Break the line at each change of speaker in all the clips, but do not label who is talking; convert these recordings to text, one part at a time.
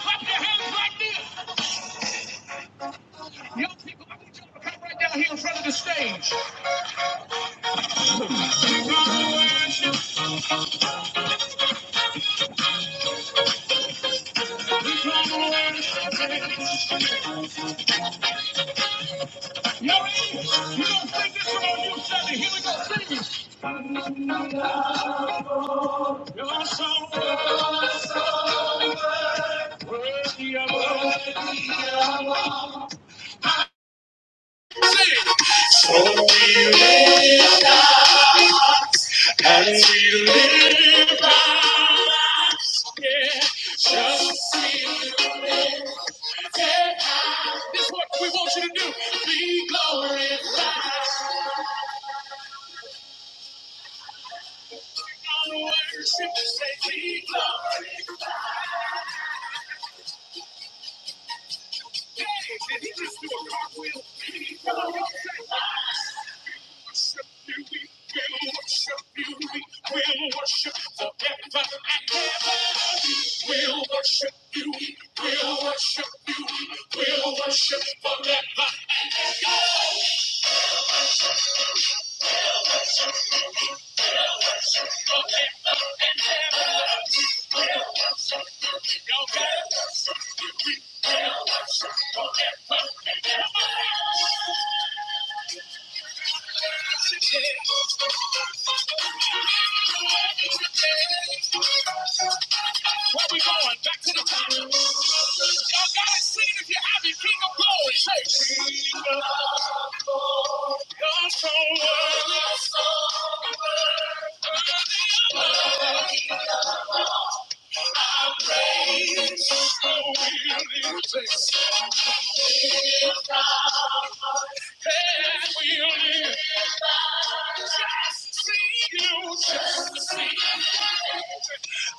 Clap your hands like this. Young people, I need y'all to come right down here in front of the stage. Y'all ready? You don't think this about you, Sunday. Here we go. Sing it. You're so worthy of all. What we want you to do, be glorified. Honor, worship, say, be glorified. Did he just do a cartwheel? Be glorified. We'll worship you. We'll worship forever and ever. We'll worship. We'll worship. We'll worship forever. Y'all got it? Where we going? Back to the top. Y'all got it? Sing if you have it. King of glory. Say, King of glory. You're so worthy. You're so worthy. I praise you. will We'll Just to see you, just to see you.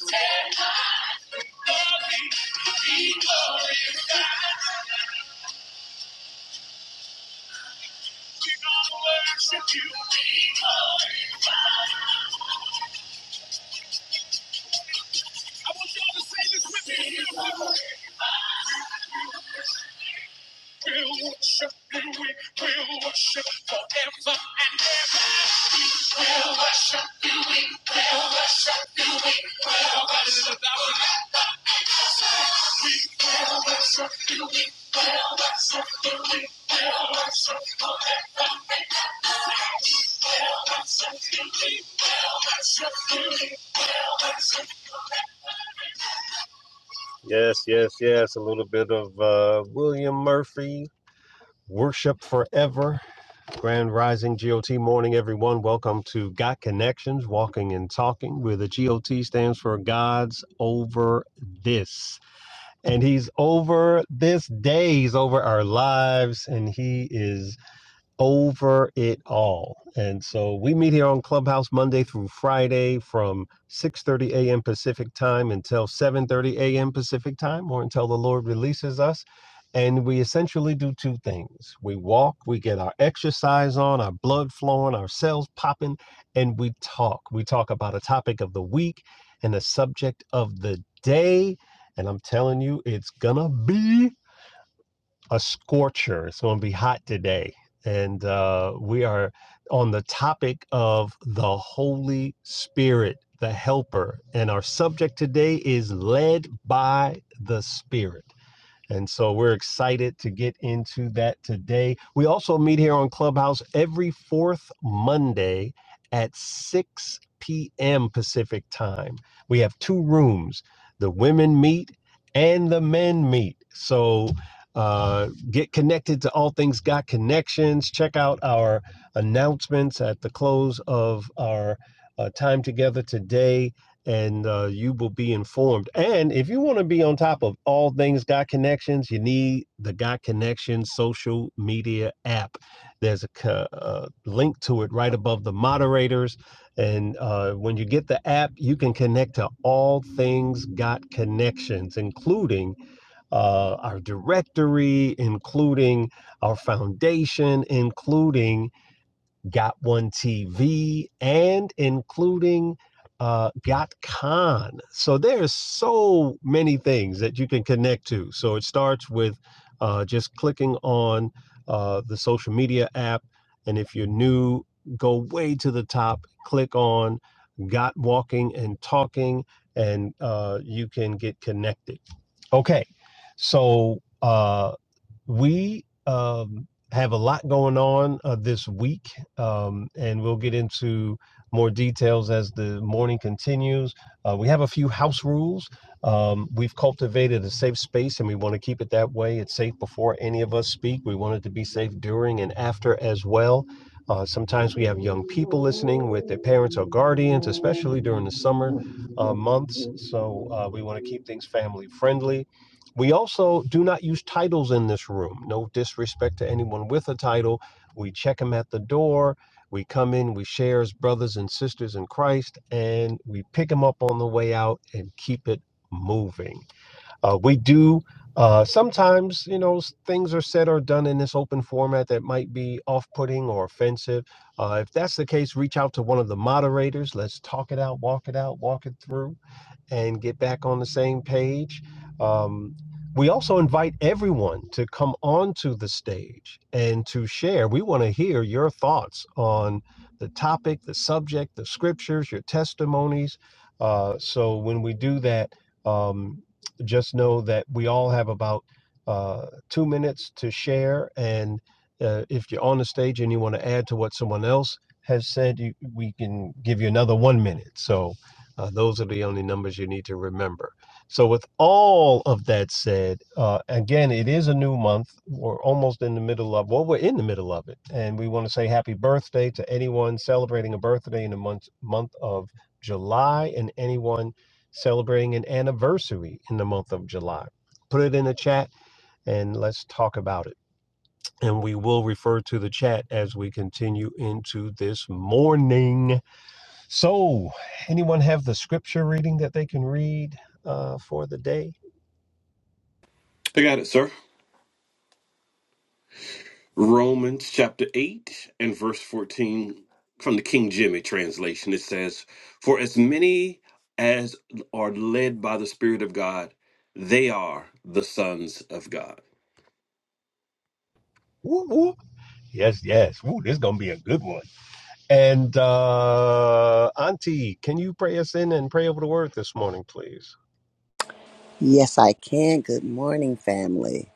Take my glory, be glorified. We gonna worship you, be glorified. I want y'all to say this with me. We'll worship you, we will worship forever Yes, yes, yes. A little bit of uh, William Murphy, Worship Forever, Grand Rising GOT Morning, everyone. Welcome to Got Connections, Walking and Talking, where the GOT stands for God's Over This. And He's over this day, He's over our lives, and He is over it all. And so we meet here on Clubhouse Monday through Friday from 6:30 a.m. Pacific time until 7:30 a.m. Pacific time or until the Lord releases us. And we essentially do two things. We walk, we get our exercise on, our blood flowing, our cells popping, and we talk. We talk about a topic of the week and a subject of the day. And I'm telling you, it's gonna be a scorcher. It's going to be hot today. And uh, we are on the topic of the Holy Spirit, the Helper. And our subject today is led by the Spirit. And so we're excited to get into that today. We also meet here on Clubhouse every fourth Monday at 6 p.m. Pacific time. We have two rooms the women meet and the men meet. So uh, get connected to All Things Got Connections. Check out our announcements at the close of our uh, time together today and uh, you will be informed. And if you want to be on top of all things Got Connections, you need the Got Connections social media app. There's a co- uh, link to it right above the moderators. And uh, when you get the app, you can connect to all things Got Connections, including uh, our directory, including our foundation, including Got One TV, and including uh, Got Khan. So there's so many things that you can connect to. So it starts with uh, just clicking on uh, the social media app. And if you're new, go way to the top, click on Got Walking and Talking, and uh, you can get connected. Okay. So uh, we um, have a lot going on uh, this week, um, and we'll get into more details as the morning continues. Uh, we have a few house rules. Um, we've cultivated a safe space, and we want to keep it that way. It's safe before any of us speak. We want it to be safe during and after as well. Uh, sometimes we have young people listening with their parents or guardians, especially during the summer uh, months. So uh, we want to keep things family friendly. We also do not use titles in this room. No disrespect to anyone with a title. We check them at the door. We come in, we share as brothers and sisters in Christ, and we pick them up on the way out and keep it moving. Uh, we do uh, sometimes, you know, things are said or done in this open format that might be off putting or offensive. Uh, if that's the case, reach out to one of the moderators. Let's talk it out, walk it out, walk it through and get back on the same page. Um, we also invite everyone to come onto the stage and to share. We want to hear your thoughts on the topic, the subject, the scriptures, your testimonies. Uh, so when we do that, um, just know that we all have about uh, two minutes to share. And uh, if you're on the stage and you want to add to what someone else has said, you, we can give you another one minute. So uh, those are the only numbers you need to remember. So, with all of that said, uh, again, it is a new month. We're almost in the middle of, well, we're in the middle of it. And we want to say happy birthday to anyone celebrating a birthday in the month, month of July and anyone celebrating an anniversary in the month of July. Put it in the chat and let's talk about it. And we will refer to the chat as we continue into this morning so, anyone have the scripture reading that they can read uh, for the day?
I got it, sir. Romans chapter 8 and verse 14 from the King Jimmy translation. It says, For as many as are led by the Spirit of God, they are the sons of God.
Woo, woo. Yes, yes. Woo, this is going to be a good one. And uh, Auntie, can you pray us in and pray over the word this morning, please?
Yes, I can. Good morning, family.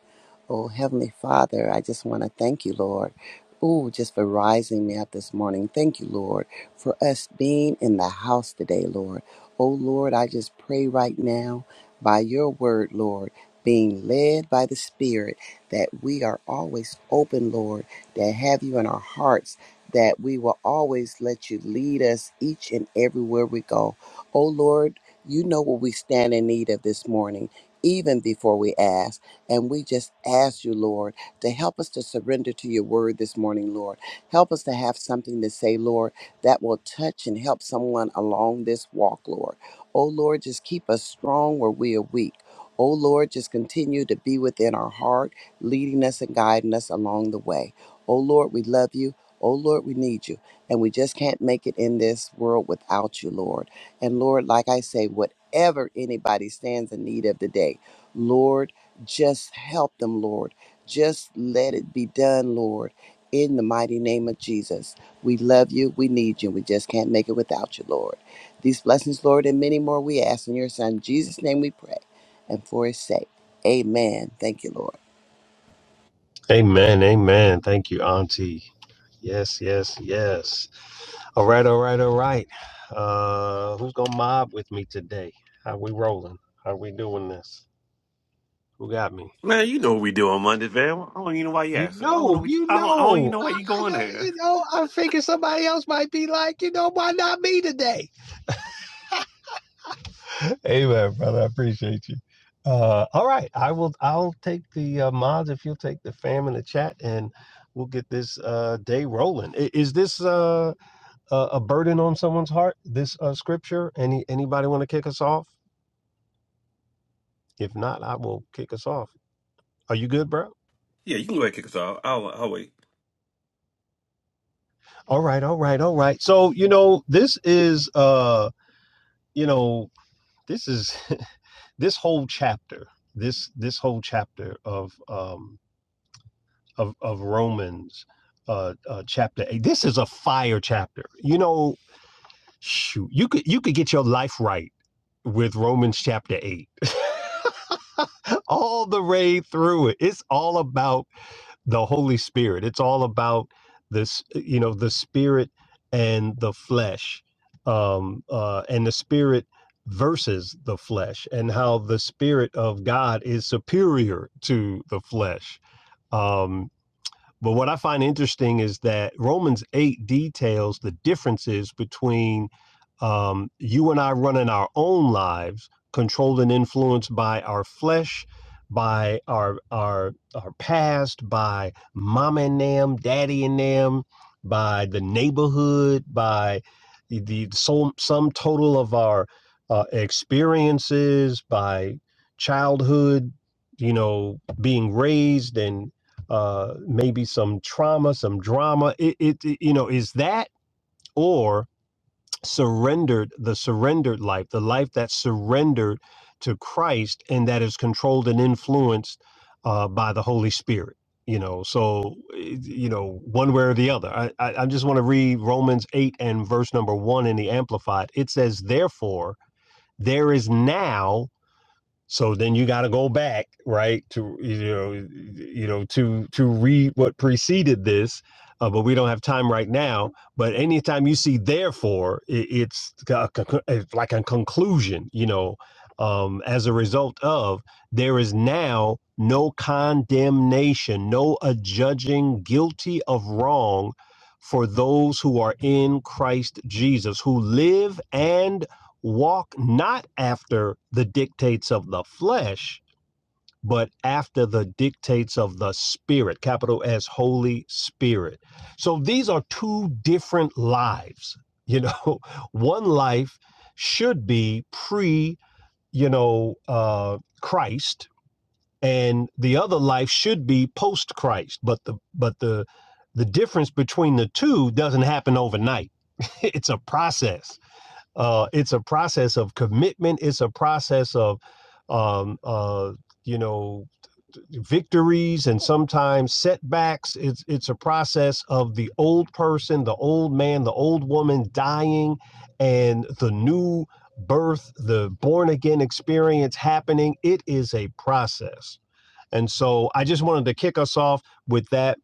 Oh, Heavenly Father, I just want to thank you, Lord. Ooh, just for rising me up this morning. Thank you, Lord, for us being in the house today, Lord. Oh, Lord, I just pray right now by your word, Lord, being led by the Spirit, that we are always open, Lord, that have you in our hearts, that we will always let you lead us each and everywhere we go. Oh, Lord, you know what we stand in need of this morning, even before we ask. And we just ask you, Lord, to help us to surrender to your word this morning, Lord. Help us to have something to say, Lord, that will touch and help someone along this walk, Lord. Oh, Lord, just keep us strong where we are weak. Oh, Lord, just continue to be within our heart leading us and guiding us along the way. Oh Lord, we love you. Oh Lord, we need you. And we just can't make it in this world without you, Lord. And Lord, like I say, whatever anybody stands in need of today, Lord, just help them, Lord. Just let it be done, Lord. In the mighty name of Jesus, we love you. We need you. We just can't make it without you, Lord. These blessings, Lord, and many more we ask in your Son, Jesus' name we pray. And for his sake, amen. Thank you, Lord.
Amen. Amen. Thank you, Auntie. Yes, yes, yes. All right, all right, all right. Uh, who's gonna mob with me today? How we rolling? How we doing this? Who got me?
Man, you know what we do on Mondays, man. I don't even know why you
You
asked. I don't
know,
know. What you,
you
I, don't, I don't even
know,
know why
I,
you
I
going
know,
there.
you know, I figure somebody else might be like, you know, why not me today? Amen, brother. I appreciate you. Uh, all right, I will. I'll take the uh, mods if you'll take the fam in the chat, and we'll get this uh, day rolling. I- Is this uh, a a burden on someone's heart? This uh, scripture? Any anybody want to kick us off? If not, I will kick us off. Are you good, bro?
Yeah, you can go ahead and kick us off. I'll, I'll wait.
All right, all right, all right. So you know, this is uh, you know, this is this whole chapter, this this whole chapter of um, of of Romans, uh, uh, chapter eight. This is a fire chapter. You know, shoot, you could you could get your life right with Romans chapter eight. all the way through it. It's all about the Holy Spirit. It's all about this, uh, you know, the spirit and the flesh, um, uh, and the spirit versus the flesh, and how the spirit of God is superior to the flesh. Um, but what I find interesting is that Romans 8 details the differences between um, you and I running our own lives, controlled and influenced by our flesh, by our our our past, by mom and them, daddy and them, by the neighborhood, by the, the sum, sum total of our uh, experiences, by childhood, you know, being raised and uh, maybe some trauma, some drama. It, it, it- you know, is that or surrendered the surrendered life, the life that's surrendered to Christ and that is controlled and influenced uh, by the Holy Spirit. You know, so eh, you know one way or the other. I, I, I just want to read Romans eight and verse number one in the Amplified. It says, "Therefore, there is now." So then you got to go back, right, to you know, you know, to to read what preceded this, uh, but we don't have time right now. But anytime you see therefore, it, it's, a it's like a conclusion, you know. Um, as a result of, there is now no condemnation, no adjudging guilty of wrong for those who are in Christ Jesus, who live and walk not after the dictates of the flesh, but after the dictates of the Spirit, capital S, Holy Spirit. So these are two different lives. You know, one life should be pre, you know, uh, Christ, and the other life should be post Christ. But the but the the difference between the two doesn't happen overnight. it's a process uh, it's a process of commitment. It's a process of, um, uh, you know, victories and sometimes setbacks. It's it's a process of the old person, the old man, the old woman dying, and the new birth, the born again experience happening. It is a process. And so I just wanted to kick us off with that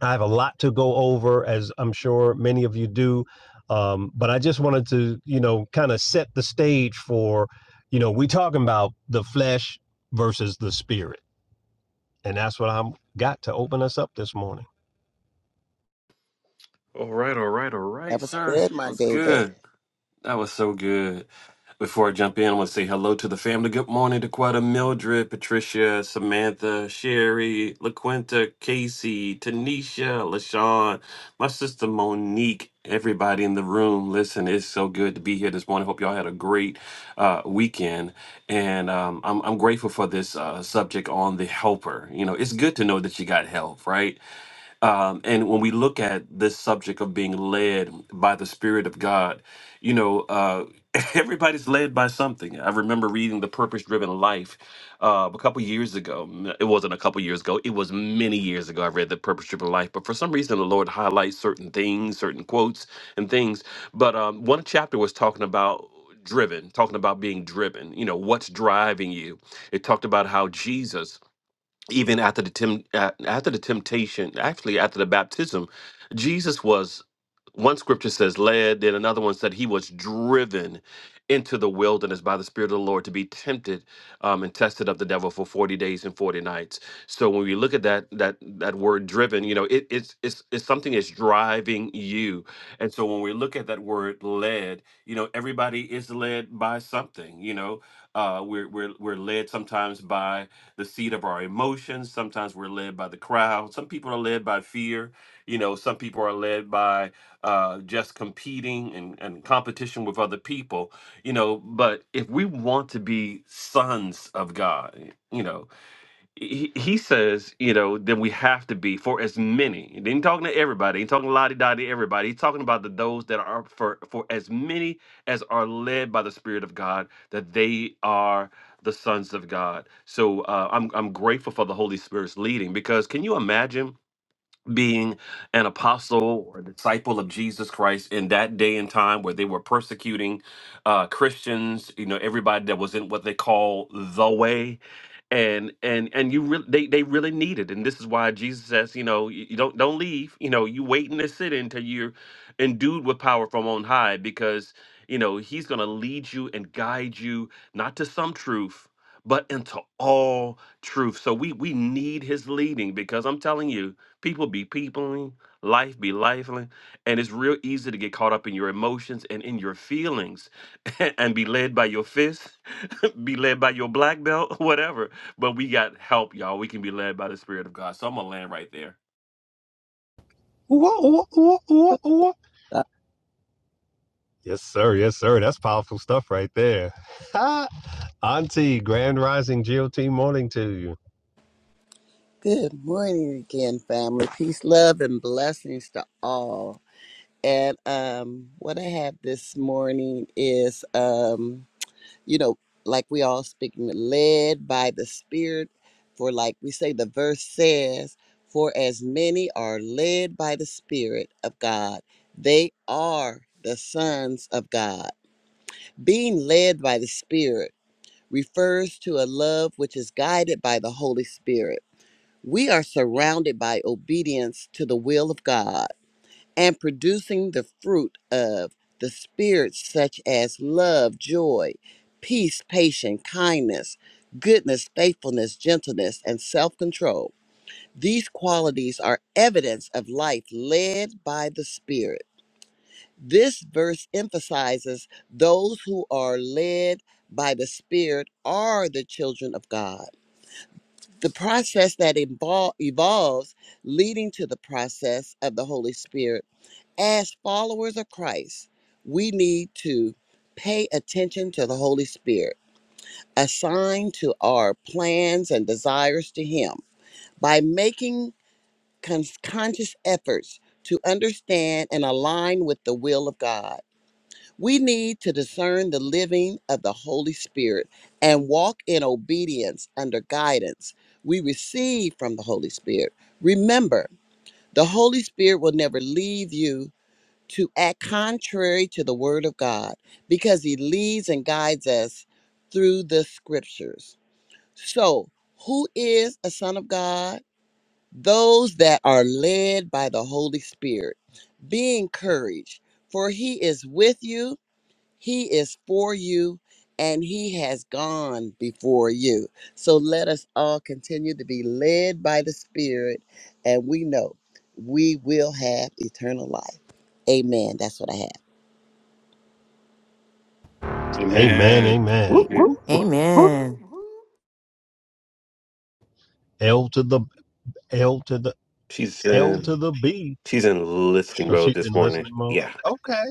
I have a lot to go over, as I'm sure many of you do. Um, but I just wanted to, you know, kind of set the stage for, you know, we talking about the flesh versus the spirit. And that's what I'm got to open us up this morning.
All right, all right, all right,
That was
sir.
good,
That
Mark
was
David.
good. That was so good. Before I jump in, I want to say hello to the family. Good morning to Quetta, Mildred, Patricia, Samantha, Sherry, LaQuinta, Casey, Tanisha, LaShawn, my sister Monique, everybody in the room. Listen, it's so good to be here this morning. Hope y'all had a great uh, weekend. And um, I'm, I'm grateful for this uh, subject on the helper. You know, it's good to know that you got help, right? Um, and when we look at this subject of being led by the Spirit of God, you know, uh, everybody's led by something. I remember reading The Purpose Driven Life uh, a couple years ago. M- It wasn't a couple years ago, it was many years ago. I read The Purpose Driven Life, but for some reason, the Lord highlights certain things, certain quotes, and things. But um, one chapter was talking about driven talking about being driven you know what's driving you it talked about how jesus even after the temp- uh, after the temptation, actually after the baptism, Jesus was one scripture says led, then another one said he was driven into the wilderness by the Spirit of the Lord to be tempted um, and tested of the devil for forty days and forty nights. So when we look at that that that word driven, you know, it, it's it's it's something that's driving you. And so when we look at that word led, you know, everybody is led by something. You know, uh, we're we're we're led sometimes by the seat of our emotions. Sometimes we're led by the crowd. Some people are led by fear. You know, some people are led by uh, just competing and, and competition with other people. You know, but if we want to be sons of God, you know, he he says, you know, that we have to be for as many. He ain't talking to everybody. He ain't talking lottie dottie to everybody. He's talking about the those that are for for as many as are led by the Spirit of God, that they are the sons of God. So uh, I'm I'm grateful for the Holy Spirit's leading because can you imagine being an apostle or a disciple of Jesus Christ in that day and time where they were persecuting uh, Christians, you know, everybody that was in what they call the way and and and you really they, they really need it and this is why jesus says you know you you don't don't leave you know you wait in the city until you're endued with power from on high because you know he's going to lead you and guide you not to some truth but into all truth so we we need his leading because i'm telling you people be peopling life be lifeling and it's real easy to get caught up in your emotions and in your feelings and be led by your fists be led by your black belt, whatever. But we got help, y'all. We can be led by the Spirit of God. So I'm gonna land right there.
Ooh, ooh, ooh, ooh, ooh.
Uh,
Yes, sir. Yes, sir. That's powerful stuff right there. Auntie, grand rising GOT morning to you.
Good morning again, family. Peace, love, and blessings to all. And um, what I have this morning is, um, you know, like we all speaking, led by the Spirit. For like we say, the verse says, "For as many are led by the Spirit of God, they are the sons of God." Being led by the Spirit refers to a love which is guided by the Holy Spirit We are surrounded by obedience to the will of God and producing the fruit of the Spirit, such as love, joy, peace, patience, kindness, goodness, faithfulness, gentleness, and self control. These qualities are evidence of life led by the Spirit. This verse emphasizes those who are led by the Spirit are the children of God the process that invol- evolves leading to the process of the holy spirit as followers of christ we need to pay attention to the holy spirit assign to our plans and desires to him by making con- conscious efforts to understand and align with the will of god we need to discern the living of the Holy Spirit and walk in obedience under guidance we receive from the Holy Spirit. Remember, the Holy Spirit will never leave you to act contrary to the Word of God because He leads and guides us through the Scriptures. So, who is a Son of God? Those that are led by the Holy Spirit. Be encouraged, for He is with you he is for you and he has gone before you. So let us all continue to be led by the Spirit, and we know we will have eternal life. Amen. That's what I have.
Amen.
Amen.
Amen.
Whoop, whoop, whoop, whoop,
Amen.
L to the L to the
She's
L
in
to the B.
she's in listing
If
mode
she's
this
in
morning.
listening mode.
Yeah.
Okay.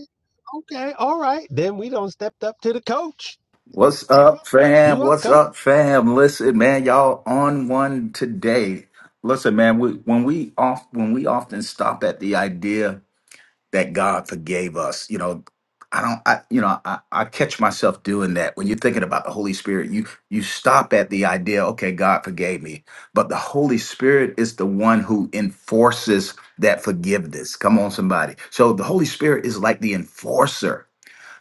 Okay, all right. Then we don't stepped up to the coach.
What's up, fam?
You up,
What's
coach?
up, fam? Listen, man, y'all on one today. Listen, man, we, when we off when we often stop at the idea that God forgave us, you know, I don't, I you know, I, I catch myself doing that. When you're thinking about the Holy Spirit, you you stop at the idea, okay, God forgave me, but the Holy Spirit is the one who enforces that forgiveness. Come on, somebody. So the Holy Spirit is like the enforcer.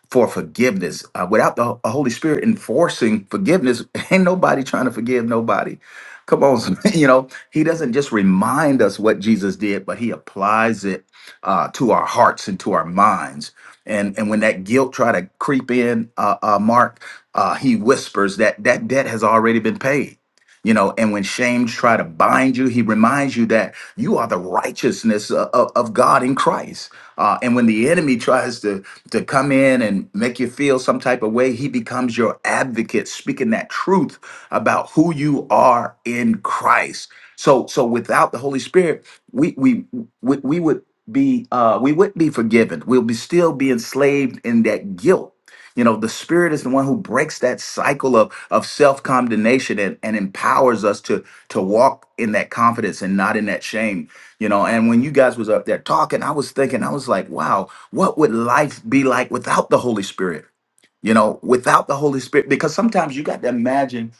for forgiveness. Uh, without the Holy Spirit enforcing forgiveness, ain't nobody trying to forgive nobody. Come on, you know, he doesn't just remind us what Jesus did, but he applies it uh, to our hearts and to our minds. And and when that guilt try to creep in, uh, uh, Mark, uh, he whispers that that debt has already been paid. You know, and when shame try to bind you, he reminds you that you are the righteousness uh, of, of God in Christ. Uh, and when the enemy tries to to come in and make you feel some type of way. He becomes your advocate, speaking that truth about who you are in Christ. So, so without the Holy Spirit, we we we, we would be uh, we wouldn't be forgiven. We'll be still be enslaved in that guilt. You know, the Spirit is the one who breaks that cycle of of self condemnation and, and empowers us to to walk in that confidence and not in that shame. You know, and when you guys was up there talking, I was thinking, I was like, wow, what would life be like without the Holy Spirit? You know, without the Holy Spirit, because sometimes you got to imagine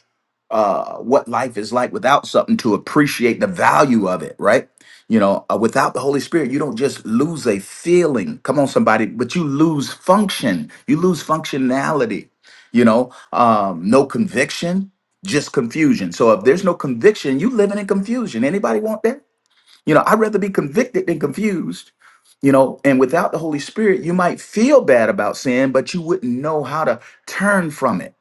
uh, what life is like without something to appreciate the value of it, right? You know, uh, without the Holy Spirit, you don't just lose a feeling. Come on, somebody, but you lose function. You lose functionality. You know, um, no conviction, just confusion. So if there's no conviction, you living in confusion. Anybody want that? You know, I'd rather be convicted than confused. You know, and without the Holy Spirit, you might feel bad about sin, but you wouldn't know how to turn from it.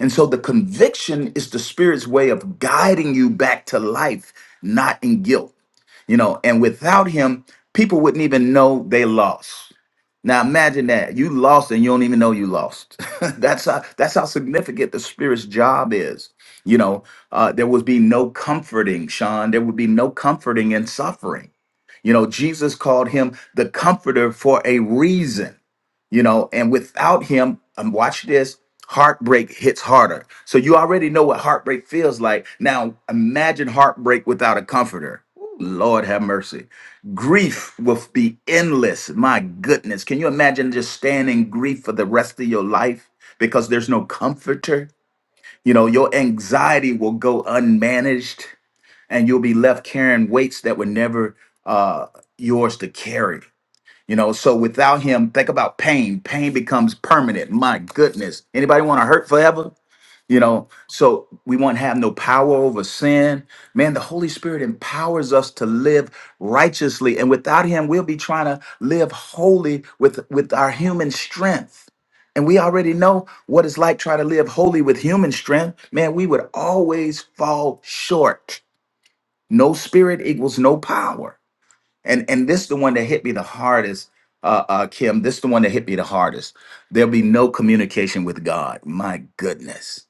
And so the conviction is the Spirit's way of guiding you back to life, not in guilt. You know, and without Him, people wouldn't even know they lost. Now imagine that you lost and you don't even know you lost. that's how that's how significant the Spirit's job is. You know, uh, there would be no comforting, Sean. There would be no comforting in suffering you know, Jesus called him the comforter for a reason, you know, and without him, um, watch this, heartbreak hits harder. So you already know what heartbreak feels like. Now imagine heartbreak without a comforter. Ooh, Lord have mercy. Grief will be endless. My goodness. Can you imagine just staying in grief for the rest of your life because there's no comforter? You know, your anxiety will go unmanaged and you'll be left carrying weights that were never uh, yours to carry. You know, so without him, think about pain. Pain becomes permanent. My goodness, anybody want to hurt forever? You know, so we won't have no power over sin. Man, the Holy Spirit empowers us to live righteously, and without Him, we'll be trying to live holy with with our human strength. And we already know what it's like trying to live holy with human strength. Man, we would always fall short no spirit equals no power and and this the one that hit me the hardest uh, uh kim this the one that hit me the hardest there'll be no communication with god my goodness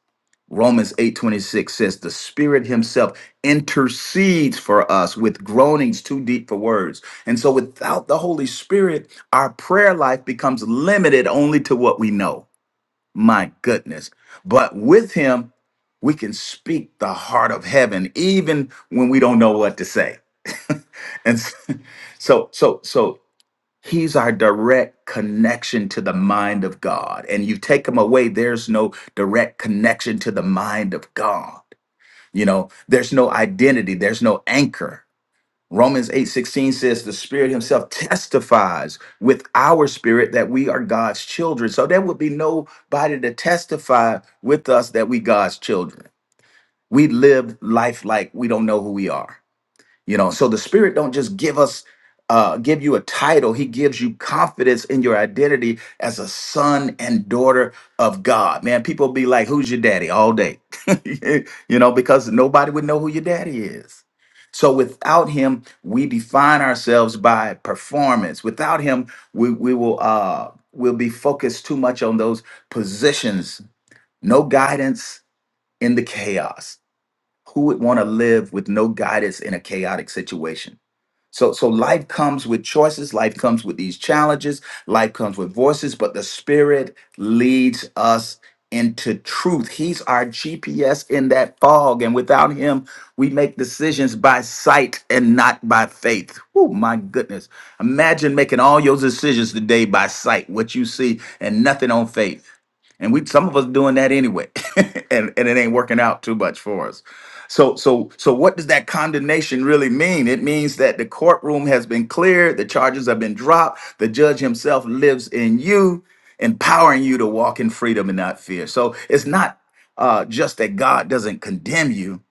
romans 8 26 says the spirit himself intercedes for us with groanings too deep for words and so without the holy spirit our prayer life becomes limited only to what we know my goodness. But with him, we can speak the heart of heaven, even when we don't know what to say. and so, so, so he's our direct connection to the mind of God. And you take him away, there's no direct connection to the mind of God. You know, there's no identity, there's no anchor. Romans 8:16 says the spirit himself testifies with our spirit that we are God's children. So there would be nobody to testify with us that we God's children. We live life like we don't know who we are you know so the spirit don't just give us uh give you a title he gives you confidence in your identity as a son and daughter of god man people be like who's your daddy all day you know because nobody would know who your daddy is so without him we define ourselves by performance without him we we will uh we'll be focused too much on those positions no guidance in the chaos who would want to live with no guidance in a chaotic situation so, so life comes with choices. Life comes with these challenges. Life comes with voices, but the Spirit leads us into truth. He's our GPS in that fog, and without Him, we make decisions by sight and not by faith. Oh my goodness! Imagine making all your decisions today by sight, what you see, and nothing on faith. And we, some of us, doing that anyway, and and it ain't working out too much for us. So, so, so, what does that condemnation really mean? It means that the courtroom has been cleared, the charges have been dropped, the judge himself lives in you, empowering you to walk in freedom and not fear. So, it's not uh, just that God doesn't condemn you,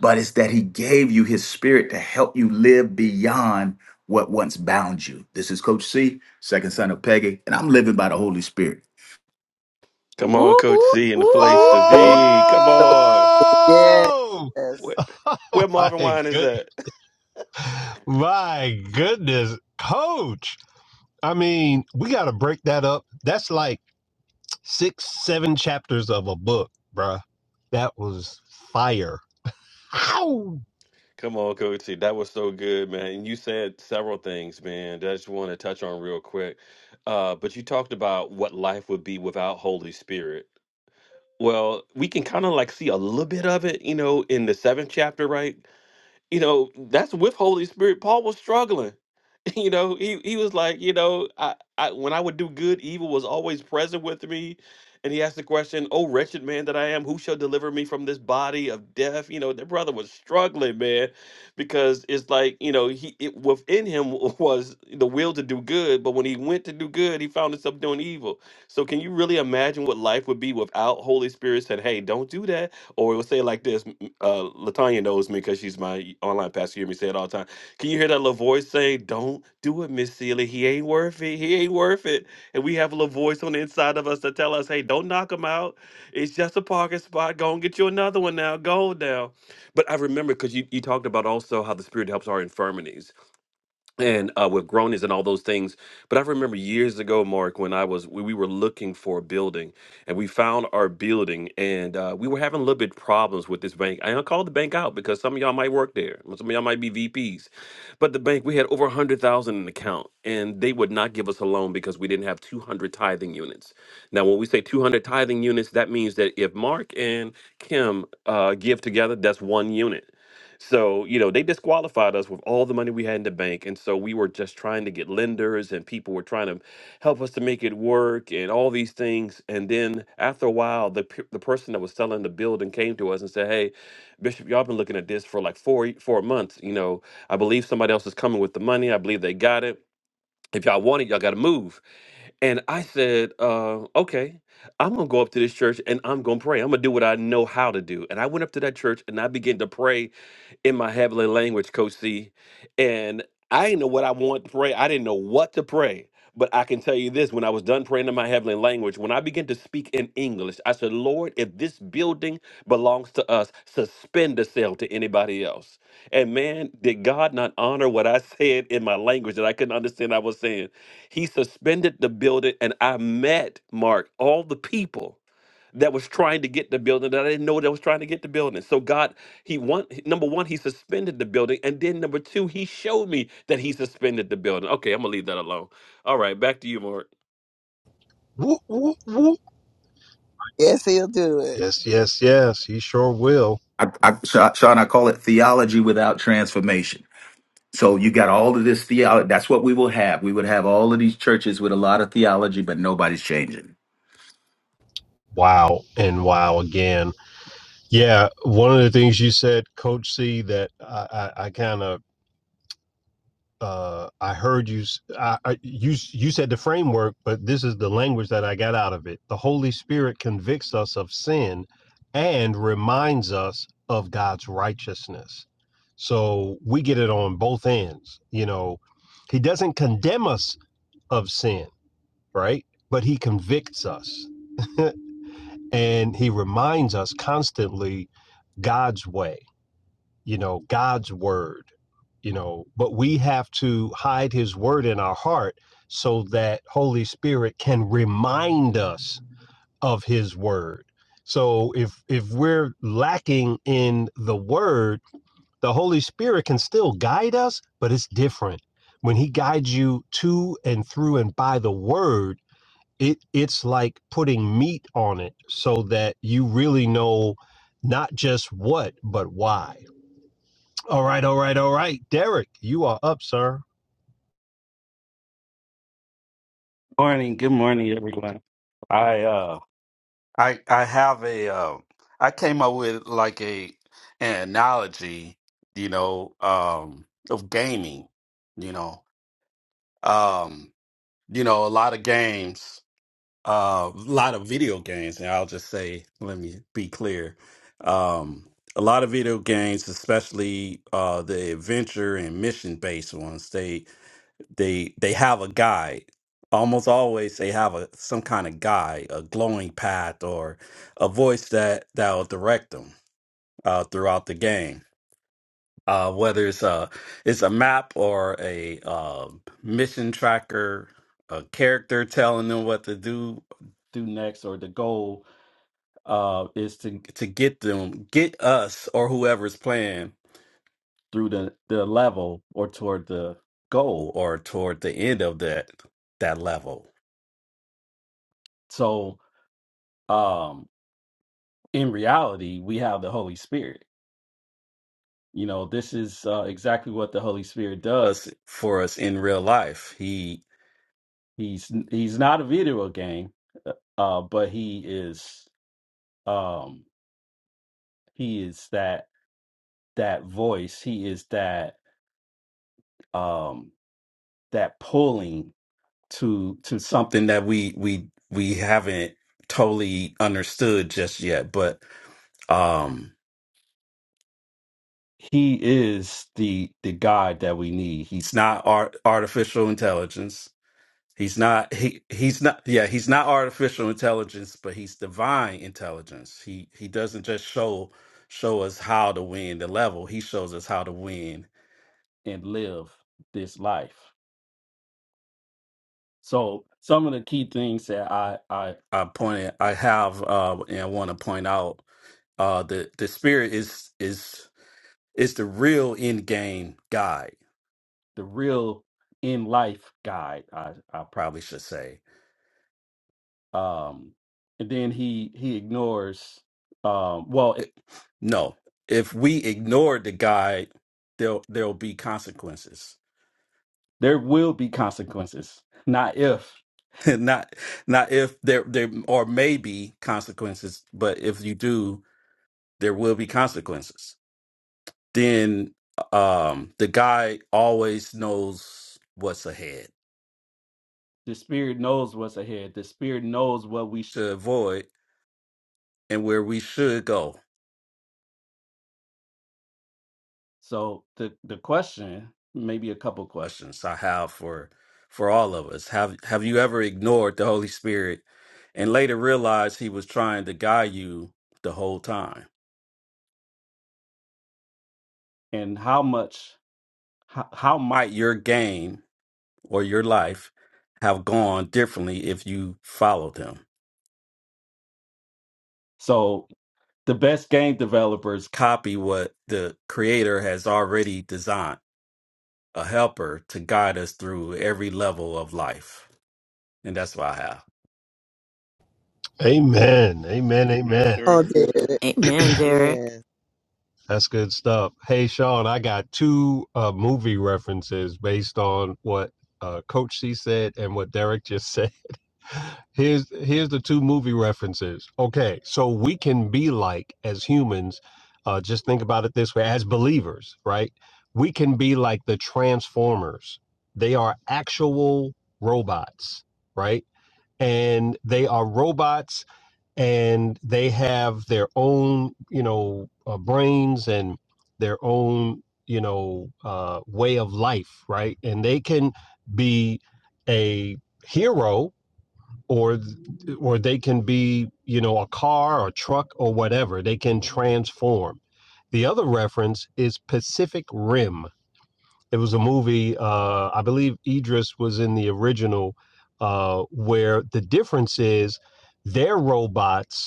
but it's that He gave you His Spirit to help you live beyond what once bound you. This is Coach C, second son of Peggy, and I'm living by the Holy Spirit.
Come on,
Ooh,
Coach
ooh,
C, in the
ooh,
place
ooh,
to
ooh.
So
be. Come on.
good.
Oh
Yes.
Where,
oh
where
my
Marvin Wine is
good,
at?
my goodness, coach. I mean, we got to break that up. That's like six, seven chapters of a book, bruh. That was fire. Ow!
Come on, Coach C. That was so good, man. And you said several things, man, that I just want to touch on real quick. Uh, but you talked about what life would be without Holy Spirit. Well, we can kind of like see a little bit of it, you know, in the seventh chapter, right? you know that's with holy spirit paul was struggling you know he, he was like you know I, I when i would do good evil was always present with me and he asked the question oh wretched man that i am who shall deliver me from this body of death you know the brother was struggling man because it's like you know he it, within him was the will to do good but when he went to do good he found himself doing evil so can you really imagine what life would be without holy spirit said hey don't do that or it would say like this uh Latanya knows me because she's my online pastor. You hear me say it all the time. Can you hear that little voice saying, Don't do it, Miss Sealy. He ain't worth it. He ain't worth it. And we have a little voice on the inside of us to tell us, hey, don't knock him out. It's just a parking spot. Go and get you another one now. Go now. But I remember because you, you talked about also how the spirit helps our infirmities and uh, with groanings and all those things. But I remember years ago, Mark, when I was we, we were looking for a building, and we found our building, and uh, we were having a little bit problems with this bank. And I called the bank out because some of y'all might work there, some of y'all might be VPs, but the bank we had over a hundred thousand in the account, and they would not give us a loan because we didn't have two hundred tithing units. Now, when we say two hundred tithing units, that means that if Mark and Kim uh, give together, that's one unit. So, you know, they disqualified us with all the money we had in the bank. And so we were just trying to get lenders and people were trying to help us to make it work and all these things. And then after a while, the, pe- the person that was selling the building came to us and said, Hey, Bishop, y'all been looking at this for like four, four months. You know, I believe somebody else is coming with the money. I believe they got it. If y'all want it, y'all got to move. And I said, uh, okay, I'm going to go up to this church and I'm going to pray. I'm going to do what I know how to do. And I went up to that church and I began to pray in my heavenly language, Coach C. And I didn't know what I want to pray. I didn't know what to pray. But I can tell you this when I was done praying in my heavenly language, when I began to speak in English, I said, Lord, if this building belongs to us, suspend the sale to anybody else. And man, did God not honor what I said in my language that I couldn't understand I was saying? He suspended the building, and I met, Mark, all the people that was trying to get the building that I didn't know that was trying to get the building. So God, he one number one, he suspended the building, and then number two, he showed me that he suspended the building. Okay, I'm gonna leave that alone. All right, back to you, Mark.
Woo! Woo! Woo!
Yes, he'll do it.
Yes, yes, yes. He sure will.
I, I, Sean, I call it theology without transformation. So you got all of this theology. That's what we will have. We would have all of these churches with a lot of theology, but nobody's changing.
Wow and wow again. Yeah, one of the things you said, Coach C, that I, I, I kind of uh, I heard you. s- I, I- you s- you said the framework, but this is the language that I got out of it. The Holy Spirit convicts us of sin and reminds us of God's righteousness. So we get it on both ends. You know, He doesn't condemn us of sin, right? But He convicts us and He reminds us constantly God's way you know, God's word, you know, but we have to hide his word in our heart so that Holy Spirit can remind us of his word. So if if we're lacking in the word, the Holy Spirit can still guide us, but it's different. When he guides you to and through and by the word, it it's like putting meat on it so that you really know not just what, but why. All right, all right, all right. Derek, you are up, sir.
Morning, good morning, everyone. I uh, I I have a uh, I came up with like a an analogy, you know, um, of gaming, you know, um, you know, a lot of games, uh, a lot of video games, and I'll just say, let me be clear, um, a lot of video games, especially uh, the adventure and mission based ones, they they they have a guide almost always they have a some kind of guide a glowing path or a voice that that will direct them uh, throughout the game uh, whether it's a it's a map or a uh, mission tracker a character telling them what to do do next or the goal uh, is to to get them get us or whoever's playing through the the level or toward the goal or toward the end of that that level so um in reality we have the holy spirit you know this is uh, exactly what the holy spirit does for us in real life he he's he's not a video game uh but he is um he is that that voice he is that um that pulling to to something that we we we haven't totally understood just yet but um he is the the guide that we need he's not art, artificial intelligence he's not he he's not yeah he's not artificial intelligence but he's divine intelligence he he doesn't just show show us how to win the level he shows us how to win and live this life So some of the key things that I I, I pointed I have uh, and want to point out uh, the the spirit is is is the real end game guide, the real in life guide. I I probably should say. Um, and then he he ignores. Um, well, it, no, if we ignore the guide, there there'll there'll be consequences There will be consequences. Not if. not not if there there or may be consequences, but if you do, there will be consequences. Then um the guy always knows what's ahead. The spirit knows what's ahead. The spirit knows what we should avoid and where we should go. So the the question, maybe a couple questions I have for for all of us. Have have you ever ignored the Holy Spirit and later realized he was trying to guide you the whole time? And how much how, how might your game or your life have gone differently if you followed him? So the best game developers copy what the creator has already designed, a helper to guide us through every level of life. and that's what I have.
Amen. Amen.
Amen,
Amen.
sir.
Oh, David.
Amen,
Yeah.
Derek.
That's good stuff. Hey, Sean, I got two uh, movie references based on what uh, Coach C said and what Derek just said. here's here's the two movie references okay so we can be like as humans uh just think about it this way as believers right we can be like the transformers they are actual robots right and they are robots and they have their own you know uh, brains and their own you know uh way of life right and they can be a hero or or they can be you know a car or truck or whatever they can transform the other reference is pacific rim it was a movie uh, i believe idris was in the original uh, where the difference is their robots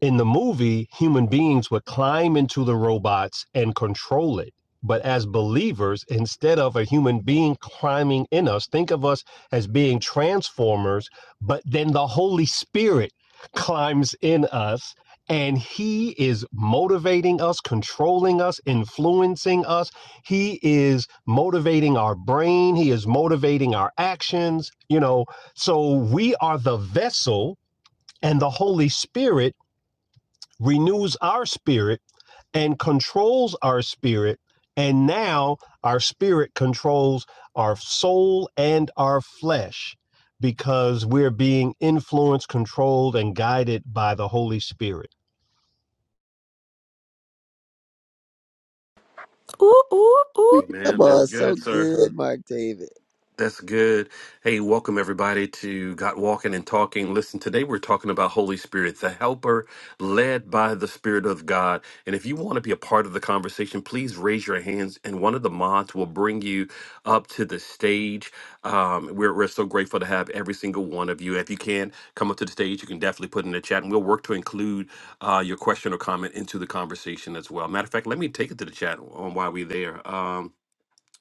in the movie, human beings would climb into the robots and control it. But as believers, instead of a human being climbing in us, think of us as being transformers, but then the Holy Spirit climbs in us and he is motivating us, controlling us, influencing us. He is motivating our brain, he is motivating our actions, you know. So we are the vessel and the Holy Spirit renews our spirit and controls our spirit. And now our spirit controls our soul and our flesh because we're being influenced, controlled, and guided by the Holy Spirit.
Ooh, ooh, ooh,
Come
Amen.
on.
That's
So
good, sir.
good, Mark David.
That's good. Hey, welcome everybody to Got Walking and Talking. Listen, today we're talking about Holy Spirit, the helper led by the Spirit of God. And if you want to be a part of the conversation, please raise your hands and one of the mods will bring you up to the stage. Um, we're, we're so grateful to have every single one of you. If you can come up to the stage, you can definitely put in the chat and we'll work to include uh, your question or comment into the conversation as well. Matter of fact, let me take it to the chat on why we're there. Um,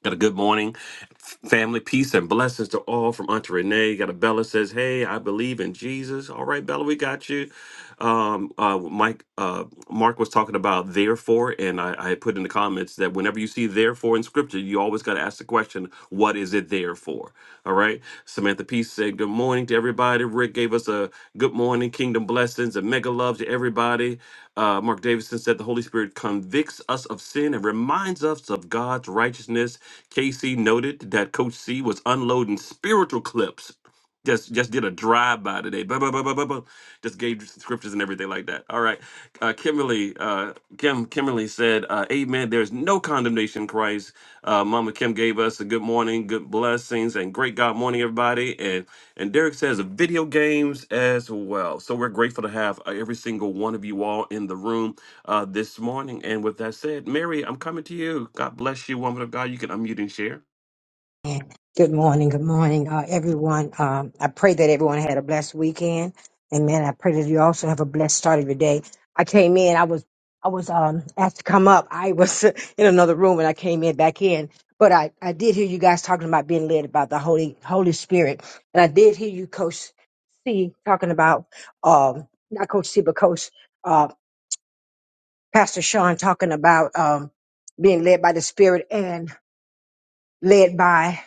Got a good morning, family, peace, and blessings to all from Auntie Renee. Got a Bella says, Hey, I believe in Jesus. All right, Bella, we got you. Um, uh, Mike, uh, Mark was talking about therefore, and I, I put in the comments that whenever you see therefore in scripture, you always got to ask the question, What is it there for? All right, Samantha Peace said, Good morning to everybody. Rick gave us a good morning, kingdom blessings, and mega love to everybody. Uh, Mark Davidson said, The Holy Spirit convicts us of sin and reminds us of God's righteousness KC noted that Coach C was unloading spiritual clips. Just just did a drive by today. Blah, blah, blah, blah, blah, blah. Just gave scriptures and everything like that. All right. Uh, Kimberly, uh, Kim, Kimberly said, uh, Amen. There's no condemnation in Christ. Uh, Mama Kim gave us a good morning, good blessings, and great God morning, everybody. And and Derek says video games as well. So we're grateful to have uh, every single one of you all in the room uh, this morning. And with that said, Mary, I'm coming to you. God bless you, woman of God. You can unmute and share.
Good morning. Good morning, uh, everyone. Um, I pray that everyone had a blessed weekend. Amen. I pray that you also have a blessed start of your day. I came in. I was I was um, asked to come up. I was in another room and I came in back in. But I, I did hear you guys talking about being led about the Holy Holy Spirit, and I did hear you, Coach C, talking about um, not Coach C, but Coach uh, Pastor Sean talking about um, being led by the Spirit and led by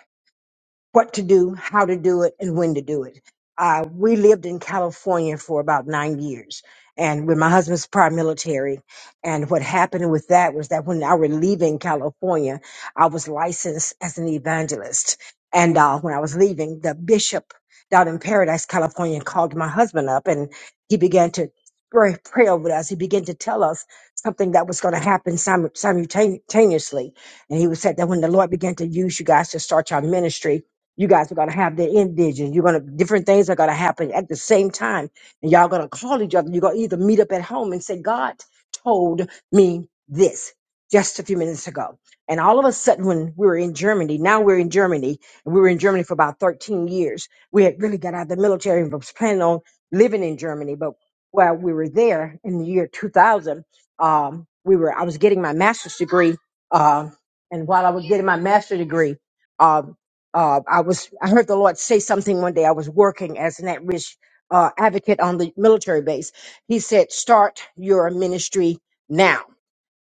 what to do, how to do it, and when to do it. Uh, we lived in California for about nine years, and when my husband's prior military. And what happened with that was that when I were leaving California, I was licensed as an evangelist. And uh, when I was leaving, the bishop down in Paradise, California, called my husband up, and he began to pray, pray over us. He began to tell us something that was going to happen simu- simultaneously. And he was said that when the Lord began to use you guys to start your ministry, you guys are gonna have the indigenous. You're gonna different things are gonna happen at the same time, and y'all gonna call each other. You're gonna either meet up at home and say, "God told me this just a few minutes ago." And all of a sudden, when we were in Germany, now we're in Germany, and we were in Germany for about 13 years. We had really got out of the military and was planning on living in Germany, but while we were there in the year 2000, um, we were I was getting my master's degree, uh, and while I was getting my master's degree. um, uh, I was I heard the Lord say something one day. I was working as an at-risk uh, advocate on the military base. He said, "Start your ministry now."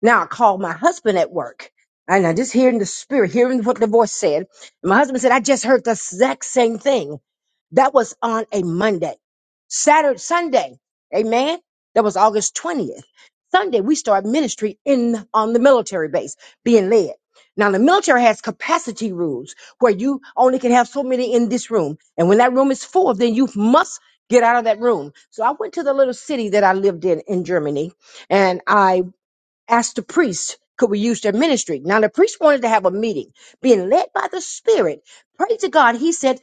Now I called my husband at work. And I just hearing the spirit, hearing what the voice said. And my husband said, I just heard the exact same thing. That was on a Monday. Saturday, Sunday. Amen. That was August 20th. Sunday, we start ministry in on the military base, being led. Now the military has capacity rules where you only can have so many in this room. And when that room is full, then you must get out of that room. So I went to the little city that I lived in in Germany and I asked the priest, could we use their ministry? Now, the priest wanted to have a meeting, being led by the Spirit. Pray to God. He said,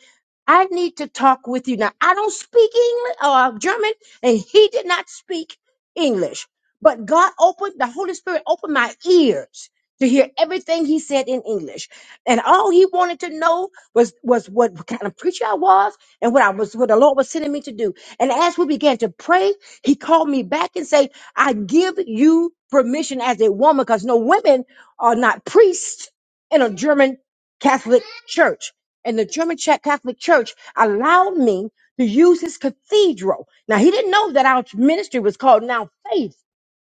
I need to talk with you. Now, I don't speak English or German, and he did not speak English. But God opened, the Holy Spirit opened my ears to hear everything he said in English. And all he wanted to know was, was what kind of preacher I was and what I was, what the Lord was sending me to do. And as we began to pray, he called me back and said, I give you permission as a woman because no women are not priests in a German Catholic church. And the German Czech Catholic Church allowed me to use his cathedral. Now, he didn't know that our ministry was called Now Faith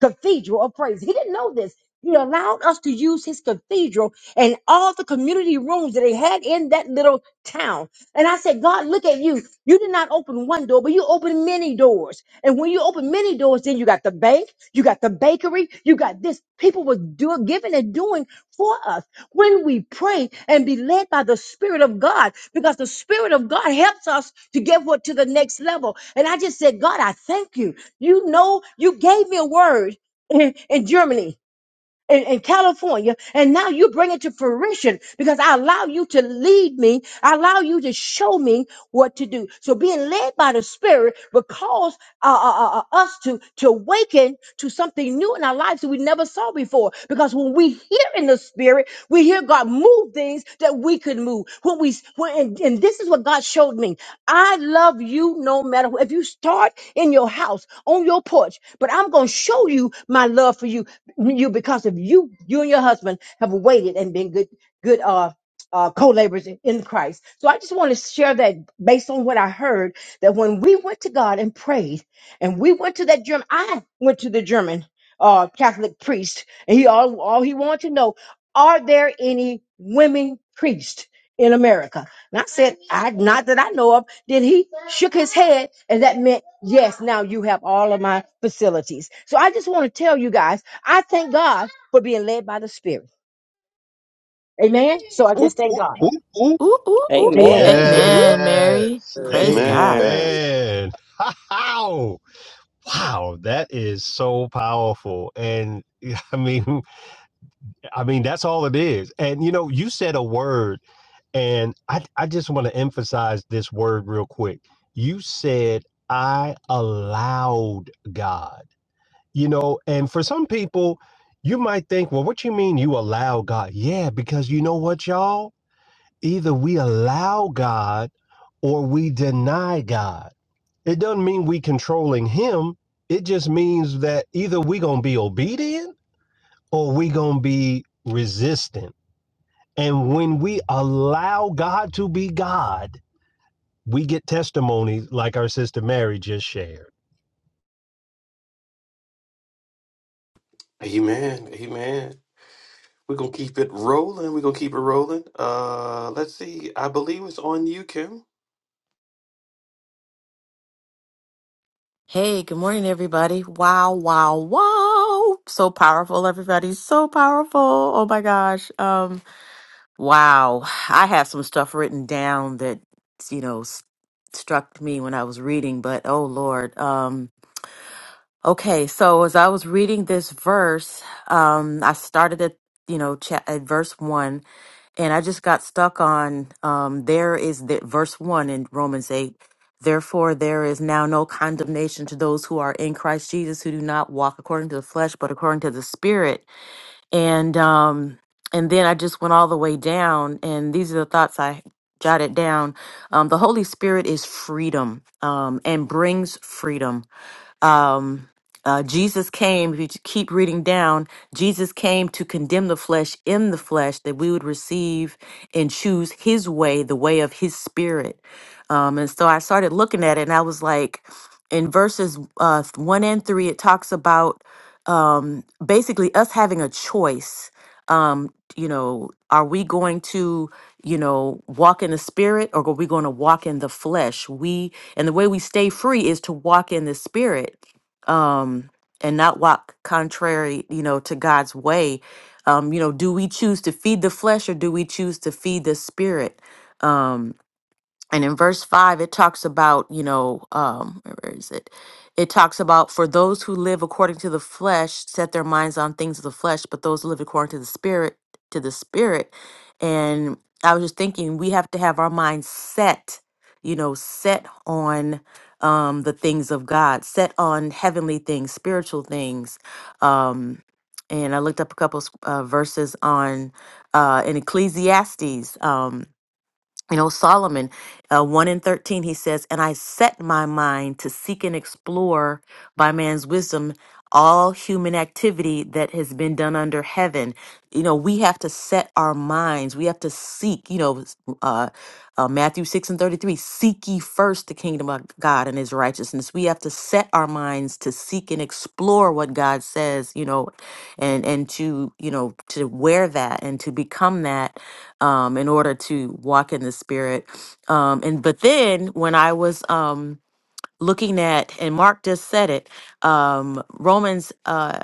Cathedral of Praise. He didn't know this. He allowed us to use his cathedral and all the community rooms that they had in that little town. And I said, God, look at you. You did not open one door, but you opened many doors. And when you open many doors, then you got the bank, you got the bakery, you got this. People were doing, giving and doing for us when we pray and be led by the Spirit of God, because the Spirit of God helps us to get what to the next level. And I just said, God, I thank you. You know, you gave me a word in, in Germany in, in California, and now you bring it to fruition because I allow you to lead me. I allow you to show me what to do. So being led by the Spirit will cause uh, uh, uh, uh, us to to awaken to something new in our lives that we never saw before. Because when we hear in the Spirit, we hear God move things that we could move. When we when and, and this is what God showed me. I love you no matter what. If you start in your house on your porch, but I'm gonna show you my love for you you because of you you and your husband have waited and been good good uh uh, co-laborers in in Christ. So I just want to share that based on what I heard that when we went to God and prayed and we went to that German, I went to the German uh, Catholic priest and he all, all he wanted to know, are there any women priests in America? And I said, I, not that I know of. Then he shook his head and that meant, yes, now you have all of my facilities. So I just want to tell you guys, I thank God for being led by the Spirit. Amen. So I
Oop,
just thank
oop,
God.
oop, oop.
ooh, ooh, ooh, ooh.
Amen.
Amen.
Amen, Mary.
Yes.
Uh,
Praise God.
Amen.
Amen. Wow. Wow, that is so powerful. And I mean, I mean, that's all it is. And you know, you said a word, and I, I just want to emphasize this word real quick. You said, I allowed God. You know, and for some people, you might think, well, what you mean you allow God? Yeah, because you know what, y'all? Either we allow God or we deny God. It doesn't mean we controlling him. It just means that either we going to be obedient or we going to be resistant. And when we allow God to be God, we get testimonies like our sister Mary just shared.
Amen. Amen. We're gonna keep it rolling. We're gonna keep it rolling. Uh let's see. I believe it's on you, Kim.
Hey, good morning, everybody. Wow, wow, wow. So powerful, everybody. So powerful. Oh my gosh. Um, wow. I have some stuff written down that, you know, s- struck me when I was reading, but oh Lord. um, Okay, so as I was reading this verse, um, I started at you know cha- at verse one, and I just got stuck on um, there is the verse one in Romans eight. Therefore, there is now no condemnation to those who are in Christ Jesus, who do not walk according to the flesh, but according to the Spirit. And um, and then I just went all the way down, and these are the thoughts I jotted down. Um, the Holy Spirit is freedom um, and brings freedom um, uh, Jesus came, if you keep reading down, Jesus came to condemn the flesh in the flesh that we would receive and choose his way, the way of his spirit. Um, and so I started looking at it and I was like, in verses uh, one and three, it talks about um, basically us having a choice um you know are we going to you know walk in the spirit or are we going to walk in the flesh we and the way we stay free is to walk in the spirit um and not walk contrary you know to god's way um you know do we choose to feed the flesh or do we choose to feed the spirit Um, and in verse 5 it talks about you know um where is it it talks about for those who live according to the flesh set their minds on things of the flesh but those who live according to the spirit to the spirit and i was just thinking we have to have our minds set you know set on um the things of god set on heavenly things spiritual things um and i looked up a couple s- uh, verses on uh in ecclesiastes um you know solomon uh, 1 in 13 he says and i set my mind to seek and explore by man's wisdom all human activity that has been done under heaven you know we have to set our minds we have to seek you know uh, uh, Matthew 6 and 33, seek ye first the kingdom of God and his righteousness. We have to set our minds to seek and explore what God says, you know, and and to, you know, to wear that and to become that um in order to walk in the spirit. Um and but then when I was um looking at and Mark just said it, um Romans uh,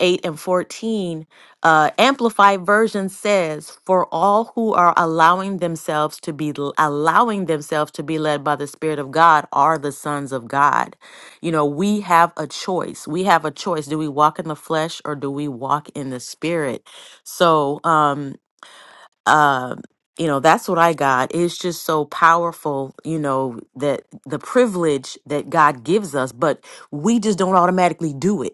8 and 14, uh, Amplified Version says, For all who are allowing themselves to be l- allowing themselves to be led by the Spirit of God are the sons of God. You know, we have a choice. We have a choice. Do we walk in the flesh or do we walk in the spirit? So um uh you know that's what i got it's just so powerful you know that the privilege that god gives us but we just don't automatically do it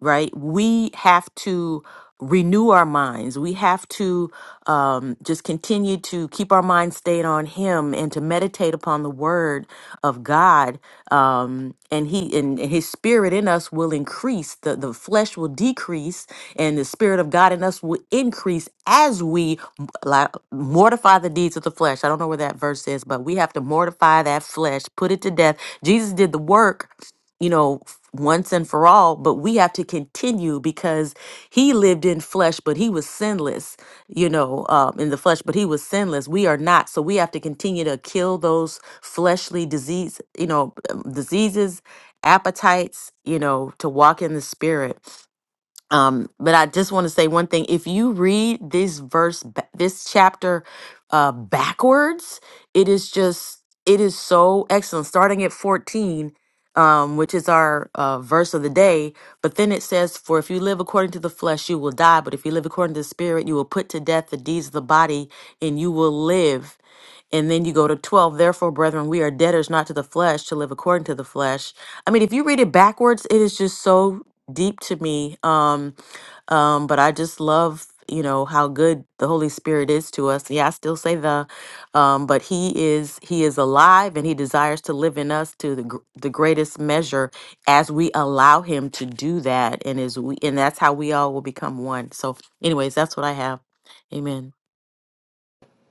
right? We have to renew our minds. We have to um, just continue to keep our minds stayed on Him and to meditate upon the Word of God. Um, and He and, and His Spirit in us will increase. The the flesh will decrease, and the Spirit of God in us will increase as we m- li- mortify the deeds of the flesh. I don't know where that verse is, but we have to mortify that flesh, put it to death. Jesus did the work you know, f- once and for all, but we have to continue because he lived in flesh, but he was sinless, you know, um, in the flesh, but he was sinless. We are not. So we have to continue to kill those fleshly disease, you know, um, diseases, appetites, you know, to walk in the spirit um, but I just want to say one thing. If you read this verse, ba- this chapter uh, backwards, it is just, it is so excellent. Starting at 14, um, which is our uh, verse of the day, but then it says, For if you live according to the flesh, you will die. But if you live according to the spirit, you will put to death the deeds of the body and you will live. And then you go to 12, therefore, brethren, we are debtors not to the flesh to live according to the flesh. I mean, if you read it backwards, it is just so deep to me. Um, um, but I just love, you know, how good the Holy Spirit is to us. Yeah, I still say the, um, but he is, he is alive and he desires to live in us to the, gr- the greatest measure as we allow him to do that. And is we, and that's how we all will become one. So anyways, that's what I have. Amen.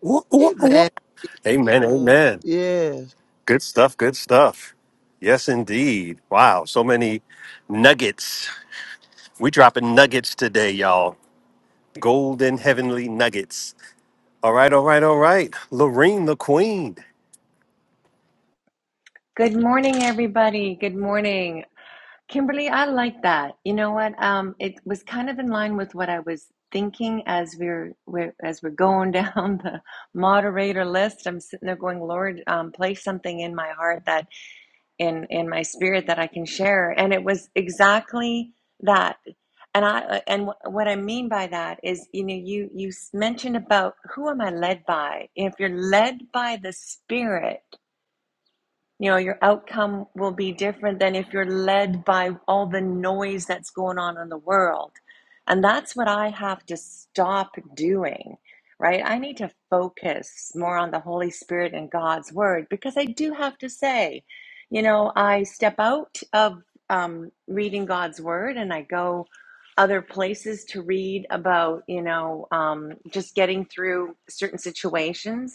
Whoop, whoop,
Amen.
whoop. Amen.
Uh,
Amen.
Yes.
Good stuff. Good stuff. Yes, indeed. Wow. So many nuggets. We dropping nuggets today, y'all. Golden heavenly nuggets. All right. All right. All right. Lorene, the queen.
Good morning, everybody. Good morning. Kimberly, I like that. You know what? Um, it was kind of in line with what I was thinking as we're, we're as we're going down the moderator list. I'm sitting there going, Lord, um, place something in my heart that in in my spirit that I can share. And it was exactly that. And I uh, and wh- what I mean by that is, you know, you you s- mentioned about who am I led by? If you're led by the Spirit you know, your outcome will be different than if you're led by all the noise that's going on in the world. And that's what I have to stop doing, right? I need to focus more on the Holy Spirit and God's word because I do have to say, you know, I step out of um, reading God's word and I go other places to read about, you know, um, just getting through certain situations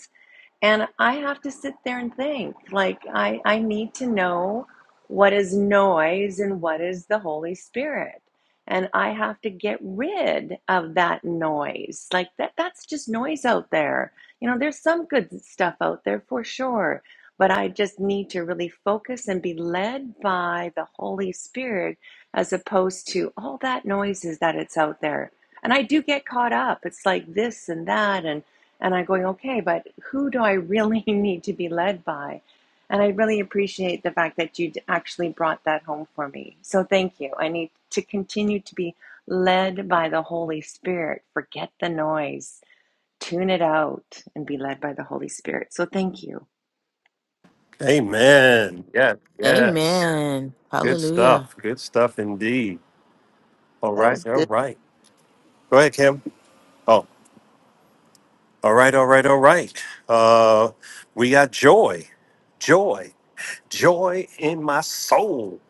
and I have to sit there and think. Like I, I need to know what is noise and what is the Holy Spirit. And I have to get rid of that noise. Like that that's just noise out there. You know, there's some good stuff out there for sure. But I just need to really focus and be led by the Holy Spirit as opposed to all that noises that it's out there. And I do get caught up. It's like this and that. And and I'm going, okay, but who do I really need to be led by? And I really appreciate the fact that you actually brought that home for me. So thank you. I need to continue to be led by the Holy Spirit. Forget the noise, tune it out, and be led by the Holy Spirit. So thank you.
Amen. Yes. Yes.
Amen.
Good
Hallelujah.
stuff. Good stuff indeed. All
That
right.
was
All
good.
right. Go ahead, Kim. Oh, all right. All right. All right. Uh, we got joy. Joy. Joy in my soul.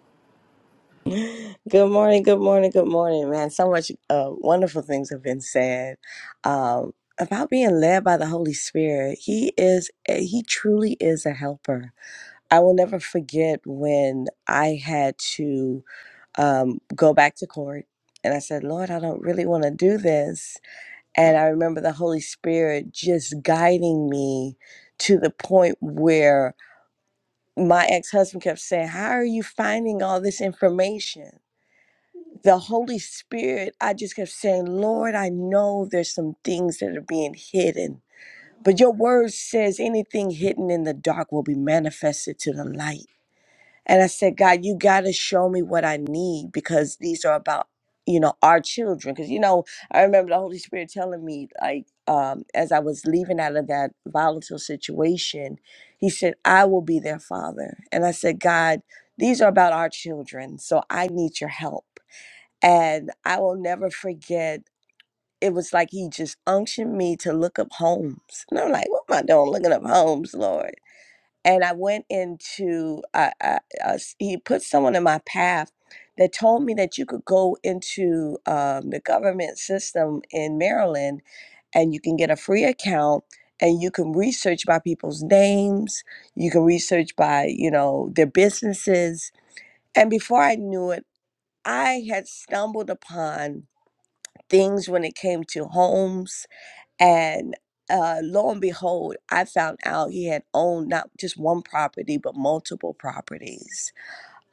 Woo. Good morning, good morning, good morning, man. So much uh, wonderful things have been said um, about being led by the Holy Spirit. He is, eh, he truly is a helper. I will never forget when I had to um, go back to court and I said, Lord, I don't really want to do this. And I remember the Holy Spirit just guiding me to the point where my ex husband kept saying, How are you finding all this information? the Holy Spirit, I just kept saying, Lord, I know there's some things that are being hidden. But your word says anything hidden in the dark will be manifested to the light. And I said, God, you got to show me what I need because these are about, you know, our children. Because, you know, I remember the Holy Spirit telling me, like, um, as I was leaving out of that volatile situation, He said, I will be their father. And I said, God, these are about our children. So I need your help. And I will never forget, it was like he just unctioned me to look up homes. And I'm like, what am I doing looking up homes, Lord? And I went into, uh, uh, uh, s- he put someone in my path that told me that you could go into um, the government system in Maryland and you can get a free account and you can research by people's names you can research by you know their businesses and before i knew it i had stumbled upon things when it came to homes. And uh, lo and behold, I found out he had owned not just one property, but multiple properties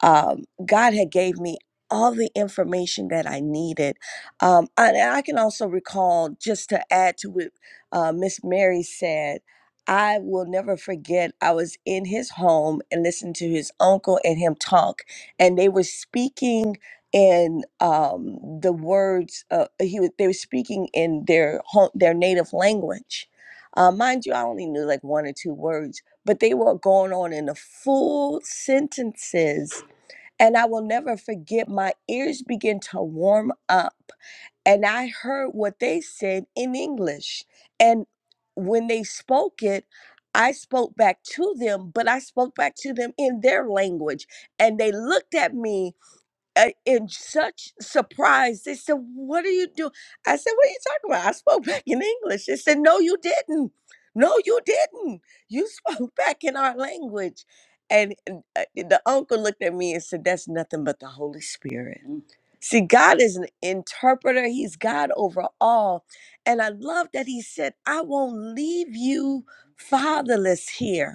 um, God had gave me all the information that I needed. Um, I, and I can also recall, just to add to what uh, Miss Mary said, I will never forget. I was in his home and listened to his uncle and him talk, and they were speaking in um, the words. Uh, he was, they were speaking in their home, their native language. Uh, mind you, I only knew like one or two words, but they were going on in the full sentences and I will never forget, my ears began to warm up. And I heard what they said in English. And when they spoke it, I spoke back to them, but I spoke back to them in their language. And they looked at me uh, in such surprise. They said, What are you doing? I said, What are you talking about? I spoke back in English. They said, No, you didn't. No, you didn't. You spoke back in our language. And and, uh, the uncle looked at me and said, That's nothing but the Holy Spirit. Mm. See, God is an interpreter, He's God over all. And I love that He said, I won't leave you fatherless here.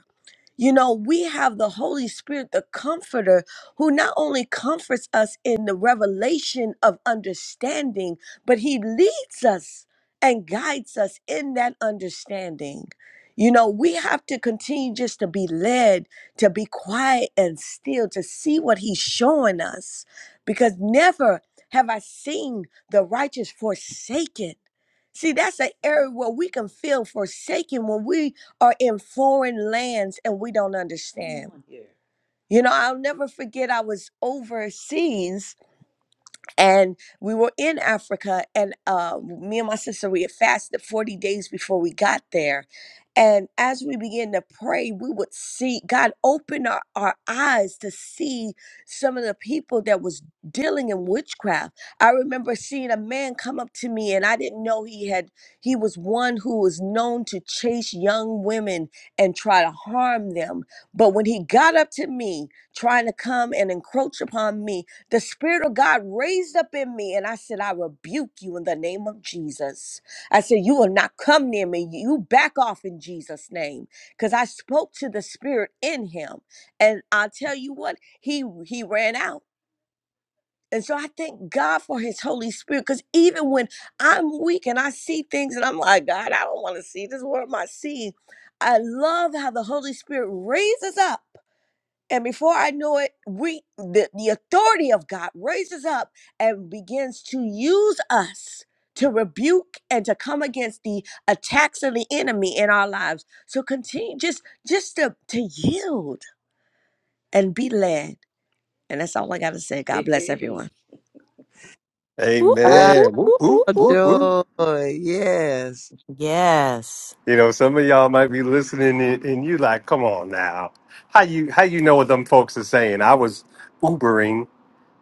You know, we have the Holy Spirit, the Comforter, who not only comforts us in the revelation of understanding, but He leads us and guides us in that understanding. You know, we have to continue just to be led, to be quiet and still, to see what He's showing us, because never have I seen the righteous forsaken. See, that's an area where we can feel forsaken when we are in foreign lands and we don't understand. You know, I'll never forget I was overseas and we were in Africa, and uh, me and my sister we had fasted forty days before we got there, and as we began to pray, we would see God open our, our eyes to see some of the people that was dealing in witchcraft. I remember seeing a man come up to me, and I didn't know he had he was one who was known to chase young women and try to harm them. But when he got up to me, trying to come and encroach upon me, the Spirit of God raised up in me, and I said, I rebuke you in the name of Jesus. I said, You will not come near me. You back off in Jesus' name. Because I spoke to the Spirit in him. And i tell you what, he he ran out. And so I thank God for his Holy Spirit. Because even when I'm weak and I see things and I'm like, God, I don't want to see this. What am I seeing? I love how the Holy Spirit raises up. And before I know it, we the, the authority of God raises up and begins to use us to rebuke and to come against the attacks of the enemy in our lives. So continue just just to, to yield and be led. And that's all I gotta say. God bless everyone.
Whoop, whoop,
Wow,
whoop, whoop, whoop, whoop.
Woo.
joy. Yes.
Yes.
You know, some of y'all might be listening and, and you like, come on now. How you how you know what them folks are saying? I was Ubering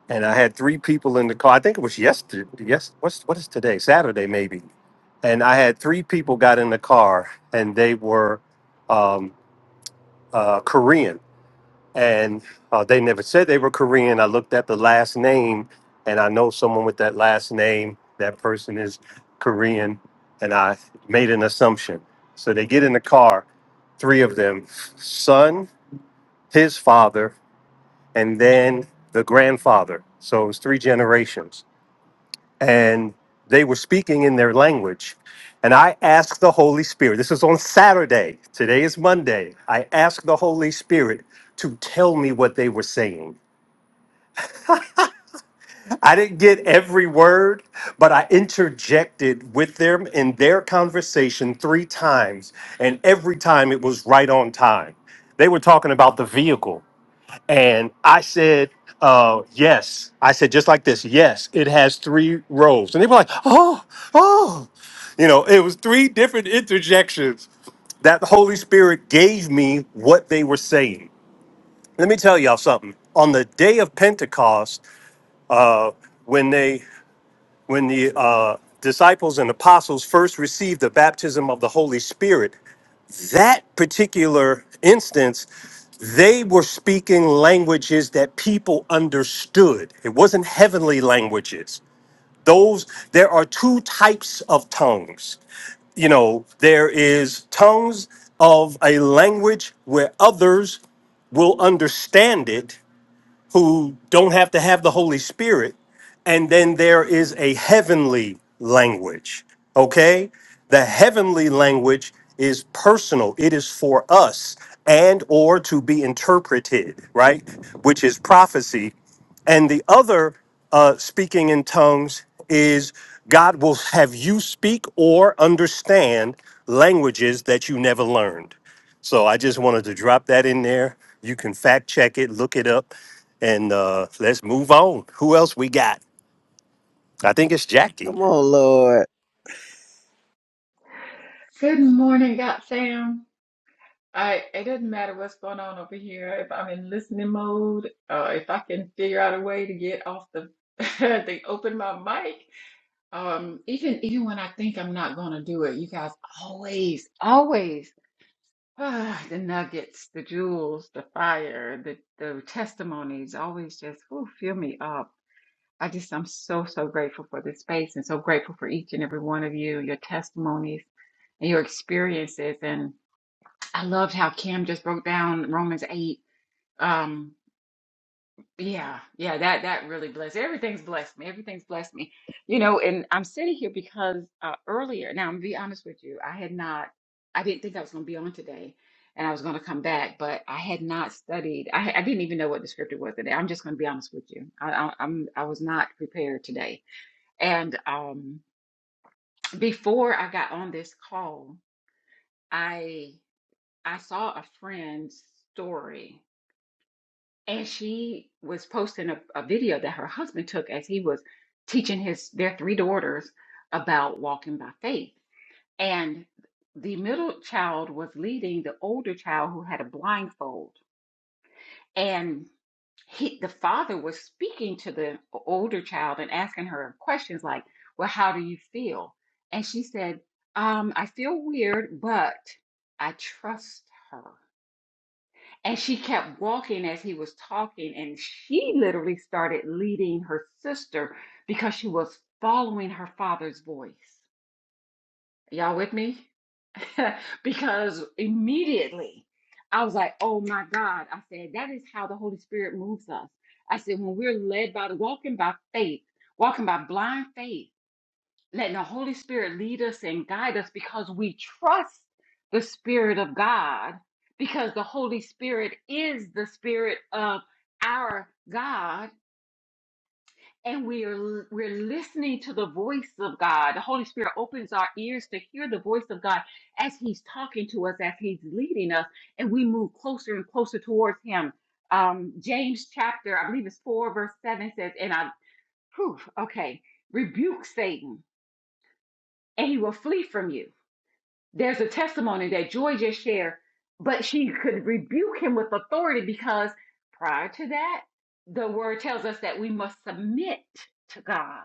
and I had three people in the car. I think it was yesterday. Yes, what's what is today? Saturday maybe. And I had three people got in the car and they were um, uh, Korean and uh, they never said they were Korean. I looked at the last name, and I know someone with that last name. That person is Korean, and I made an assumption. So they get in the car, three of them, son, his father, and then the grandfather. So it was three generations, and they were speaking in their language. And I asked the Holy Spirit. This is on Saturday. Today is Monday. I asked the Holy Spirit to tell me what they were saying I didn't get every word, but I interjected with them in their conversation three times, and every time it was right on time. They were talking about the vehicle, and I said, uh, "Yes." I said just like this, "Yes, it has three rows," and they were like, "Oh, oh," you know. It was three different interjections that the Holy Spirit gave me what they were saying. Let me tell y'all something. On the day of Pentecost, uh, when they when the uh, disciples and apostles first received the baptism of the Holy Spirit, that particular instance, they were speaking languages that people understood. It wasn't heavenly languages. Those, there are two types of tongues. You know, there is tongues of a language where others will understand it who don't have to have the Holy Spirit. And then there is a heavenly language, okay? The heavenly language is personal. It is for us and or to be interpreted, right? Which is prophecy and the other uh, speaking in tongues is God will have you speak or understand languages that you never learned. So I just wanted to drop that in there. You can fact check it, look it up, and uh, let's move on. Who else we got? I think it's Jackie.
Come on, Lord.
Good morning, God fam. I it doesn't matter what's going on over here. If I'm in listening mode, uh, if I can figure out a way to get off the they open my mic. Um, even even when I think I'm not gonna do it, you guys always, always ah, the nuggets, the jewels, the fire, the the testimonies always just whew, fill me up. I just I'm so so grateful for this space and so grateful for each and every one of you, your testimonies and your experiences and I loved how Kim just broke down Romans 8. Um, yeah, yeah, that that really blessed. Everything's blessed me. Everything's blessed me. You know, and I'm sitting here because uh earlier, now I'm gonna be honest with you, I had not I didn't think I was gonna be on today and I was gonna come back, but I had not studied. I I didn't even know what the scripture was today. I'm just gonna be honest with you. I, I I'm I was not prepared today. And um before I got on this call, I I saw a friend's story and she was posting a, a video that her husband took as he was teaching his their three daughters about walking by faith and the middle child was leading the older child who had a blindfold and he the father was speaking to the older child and asking her questions like well how do you feel and she said um i feel weird but i trust her and she kept walking as he was talking, and she literally started leading her sister because she was following her father's voice. Y'all with me? because immediately I was like, oh my God. I said, that is how the Holy Spirit moves us. I said, when we're led by the walking by faith, walking by blind faith letting the Holy Spirit lead us and guide us because we trust the Spirit of God, because the Holy Spirit is the Spirit of our God, and we are we're listening to the voice of God. The Holy Spirit opens our ears to hear the voice of God as He's talking to us, as He's leading us, and we move closer and closer towards Him. Um, James chapter, I believe it's four, verse seven says, and I, whew, okay, rebuke Satan, and he will flee from you. There's a testimony that Joy just shared, but she could rebuke him with authority because prior to that, the word tells us that we must submit to God.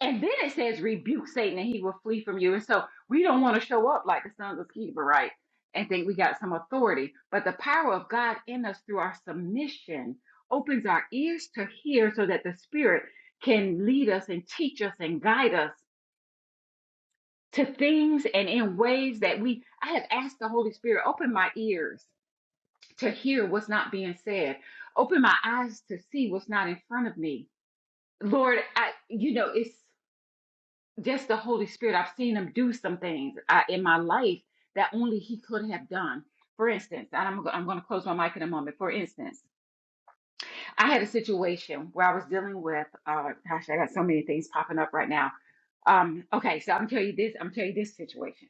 And then it says, rebuke Satan and he will flee from you. And so we don't want to show up like the sons of Sceva, right? and think we got some authority. But the power of God in us through our submission opens our ears to hear so that the Spirit can lead us and teach us and guide us to things and in ways that we I have asked the Holy Spirit, open my ears to hear what's not being said. Open my eyes to see what's not in front of me. Lord, I you know, it's just the Holy Spirit. I've seen him do some things uh, in my life that only he could have done. For instance, and I'm, go- I'm going to close my mic in a moment. For instance, I had a situation where I was dealing with, uh, gosh, I got so many things popping up right now. Um, okay, so I'm gonna tell you this. I'm gonna tell you this situation.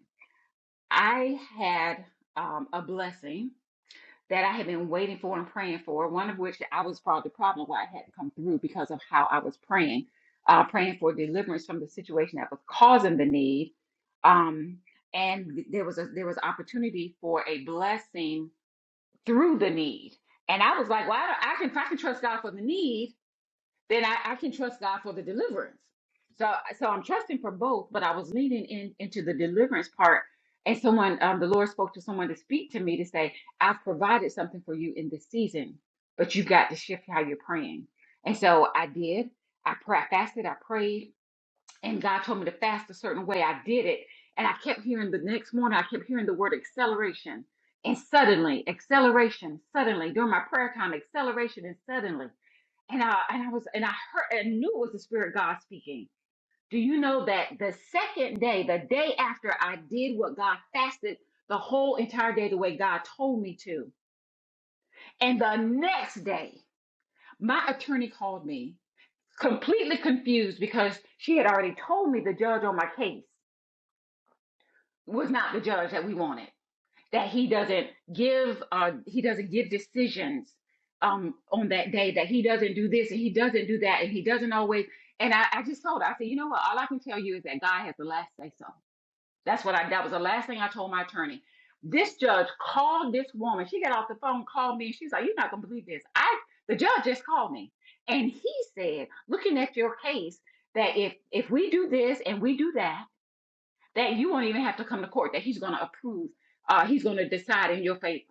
I had um, a blessing that I had been waiting for and praying for, one of which I was probably the problem why it hadn't come through because of how I was praying, uh, praying for deliverance from the situation that was causing the need. Um, and there was a, there was opportunity for a blessing through the need. And I was like, well, I, don't- I can, if I can trust God for the need, then I, I can trust God for the deliverance. So, so I'm trusting for both, but I was leaning in into the deliverance part. And someone, um, the Lord spoke to someone to speak to me to say, "I've provided something for you in this season, but you've got to shift how you're praying." And so I did. I pra- fasted. I prayed, and God told me to fast a certain way. I did it, and I kept hearing the next morning. I kept hearing the word acceleration, and suddenly, acceleration, suddenly during my prayer time, acceleration, and suddenly and I and I was and I heard and knew it was the Spirit of God speaking. Do you know that the second day, the day after I did what God fasted the whole entire day the way God told me to, and the next day my attorney called me completely confused because she had already told me the judge on my case was not the judge that we wanted. that he doesn't give uh he doesn't give decisions um on that day that he doesn't do this and he doesn't do that and he doesn't always and I, I just told her, I said, you know what, all I can tell you is that God has the last say so. That's what I that was the last thing I told my attorney. This judge called this woman. She got off the phone, called me, and she's like, You're not gonna believe this. I the judge just called me. And he said, looking at your case, that if if we do this and we do that that you won't even have to come to court, that he's going to approve, uh, he's going to decide in your favor.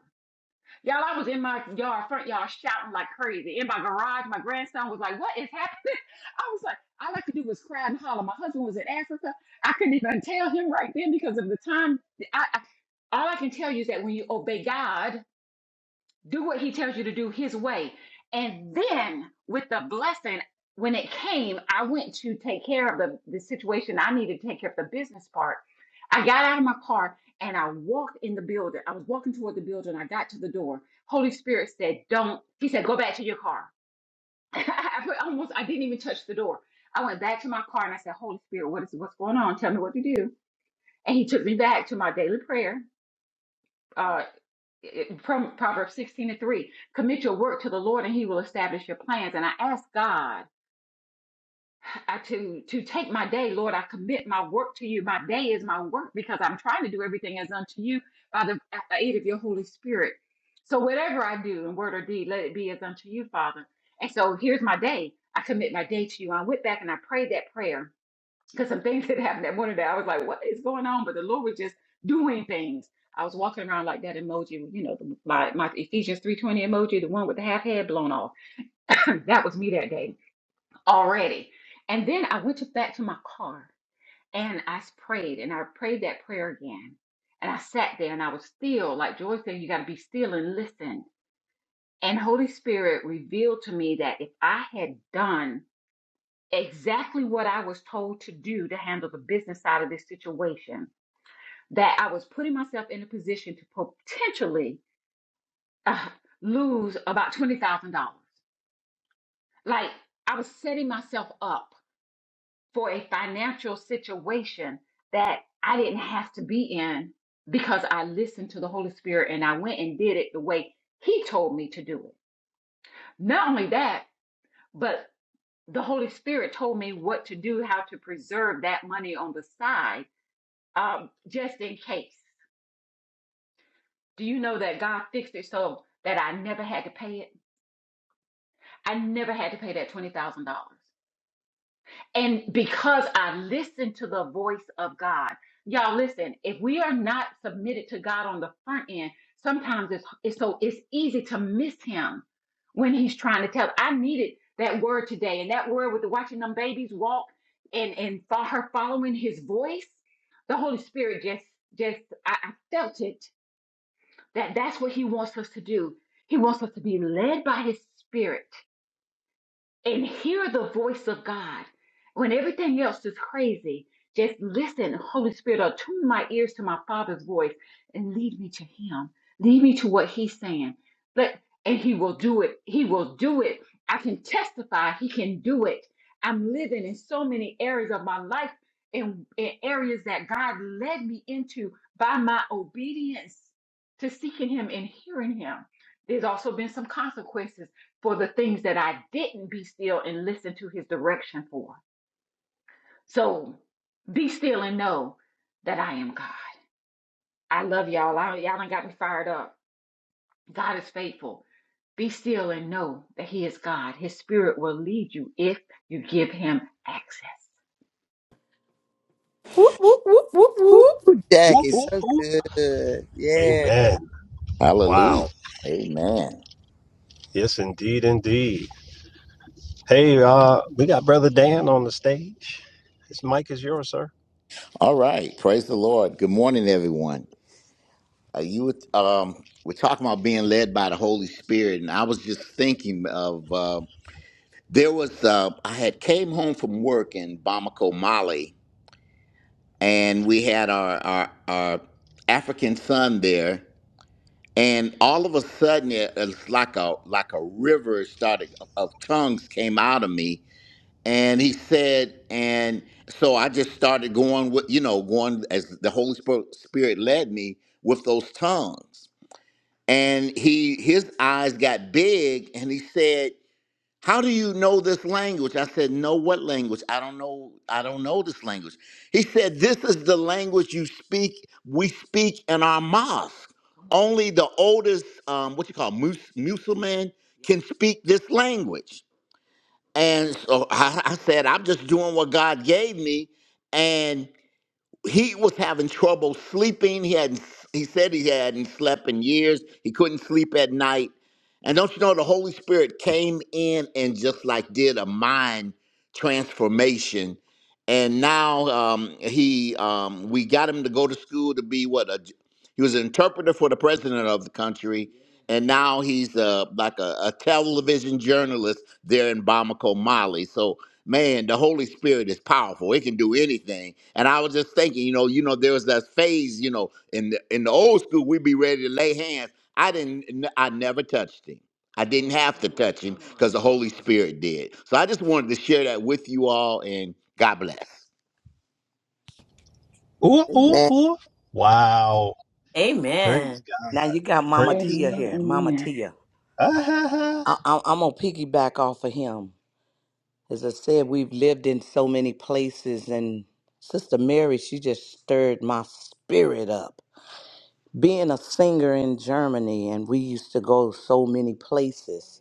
Y'all, I was in my yard, front yard, shouting like crazy. In my garage, my grandson was like, What is happening? I was like, All I could do was cry and holler. My husband was in Africa. I couldn't even tell him right then because of the time. I, I, all I can tell you is that when you obey God, do what he tells you to do his way. And then with the blessing, when it came, I went to take care of the, the situation. I needed to take care of the business part. I got out of my car and I walked in the building. I was walking toward the building. I got to the door. Holy Spirit said, Don't. He said, Go back to your car. I put- almost, I didn't even touch the door. I went back to my car and I said, Holy Spirit, what is what's going on? Tell me what to do. And he took me back to my daily prayer. Uh, it- from Proverbs 16 and 3, commit your work to the Lord and he will establish your plans. And I ask God I, to, to take my day, Lord, I commit my work to you. My day is my work because I'm trying to do everything as unto you by the aid of your Holy Spirit. So whatever I do in word or deed, let it be as unto you, Father. And so here's my day. I commit my day to you. I went back and I prayed that prayer because some things that happened that morning that I was like, what is going on? But the Lord was just doing things. I was walking around like that emoji, you know, the, my, my Ephesians 3.20 emoji, the one with the half head blown off. that was me that day already. And then I went to, back to my car and I s- prayed and I prayed that prayer again. And I sat there and I was still, like Joy said, you got to be still and listen. And Holy Spirit revealed to me that if I had done exactly what I was told to do to handle the business side of this situation, that I was putting myself in a position to potentially uh, lose about $20,000. Like I was setting myself up for a financial situation that I didn't have to be in because I listened to the Holy Spirit and I went and did it the way He told me to do it. Not only that, but the Holy Spirit told me what to do, how to preserve that money on the side um, just in case. Do you know that God fixed it so that I never had to pay it? I never had to pay that $20,000. And because I listened to the voice of God, y'all listen, if we are not submitted to God on the front end, sometimes it's, it's so it's easy to miss him when he's trying to tell. I needed that word today and that word with the watching them babies walk and and for her following his voice, the Holy Spirit just just I, I felt it that that's what he wants us to do. He wants us to be led by his spirit and hear the voice of God. When everything else is crazy, just listen. Holy Spirit, attune my ears to my Father's voice and lead me to Him. Lead me to what He's saying. But and He will do it. He will do it. I can testify He can do it. I'm living in so many areas of my life and, and areas that God led me into by my obedience to seeking Him and hearing Him. There's also been some consequences for the things that I didn't be still and listen to his direction for. So be still and know that I am God. I love y'all. I, y'all done got me fired up. God is faithful. Be still and know that he is God. His spirit will lead you if you give him access.
Whoop, whoop, whoop, whoop,
Ooh,
whoop.
Jack
Whoop,
is
whoop,
so
whoop.
good. Yeah,
Amen.
Hallelujah.
Wow.
Amen.
Yes, indeed, indeed. Hey, uh, we got Brother Dan on the stage. His mic is yours, sir.
All right. Praise the Lord. Good morning, everyone. Uh, you were- um, we're talking about being led by the Holy Spirit, and I was just thinking of uh, there was uh, I had came home from work in Bamako, Mali, and we had our our, our African son there, and all of a sudden it, it's like a like a river started of, of tongues came out of me, And he said, and so I just started going with, you know, going as the Holy Spo- Spirit led me with those tongues. And he his eyes got big and he said, How do you know this language? I said, No, what language? I don't know. I don't know this language. He said, This is the language you speak, we speak in our mosque. Only the oldest um, what you call Mus- Musulman can speak this language. And so I, I said, I'm just doing what God gave me. And he was having trouble sleeping. He hadn't. He said he hadn't slept in years. He couldn't sleep at night. And don't you know the Holy Spirit came in and just like did a mind transformation. And now um, he, um, we got him to go to school to be what a. He was an interpreter for the president of the country, and now he's uh, like a, a television journalist there in Bamako, Mali. So man, the Holy Spirit is powerful. It can do anything. And I was just thinking, you know, you know, there was that phase, you know, in the in the old school, we'd be ready to lay hands. I didn't, n- I never touched him. I didn't have to touch him because the Holy Spirit did. So I just wanted to share that with you all, and God bless.
man.
Amen.
Now you got Mama Tia
Amen.
here. Mama
Amen.
Tia.
Wow.
I, I, I'm going to piggyback off of him. As I said, we've lived in so many places, and Sister Mary, she just stirred my spirit up. being a singer in Germany, and we used to go so many places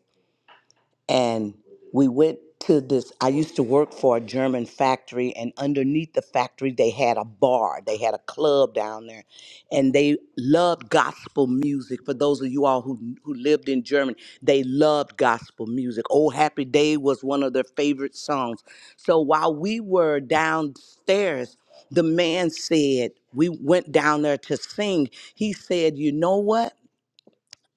and we went to this i used to work for a german factory and underneath the factory they had a bar they had a club down there and they loved gospel music for those of you all who who lived in germany they loved gospel music oh happy day was one of their favorite songs so while we were downstairs the man said we went down there to sing he said you know what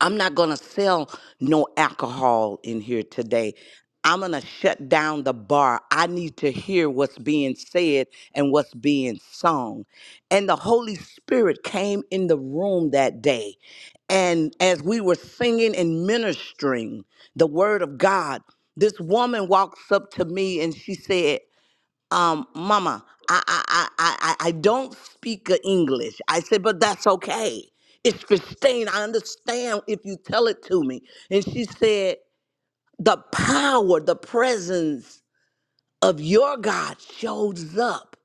I'm not going to sell no alcohol in here today. I'm going to shut down the bar. I need to hear what's being said and what's being sung. And the Holy Spirit came in the room that day. And as we were singing and ministering the word of God, this woman walks up to me and she said, um, Mama, I, I, I, I, I don't speak a English. I said, but that's okay. It's Christine. I understand if you tell it to me. And she said, the power, the presence of your God shows up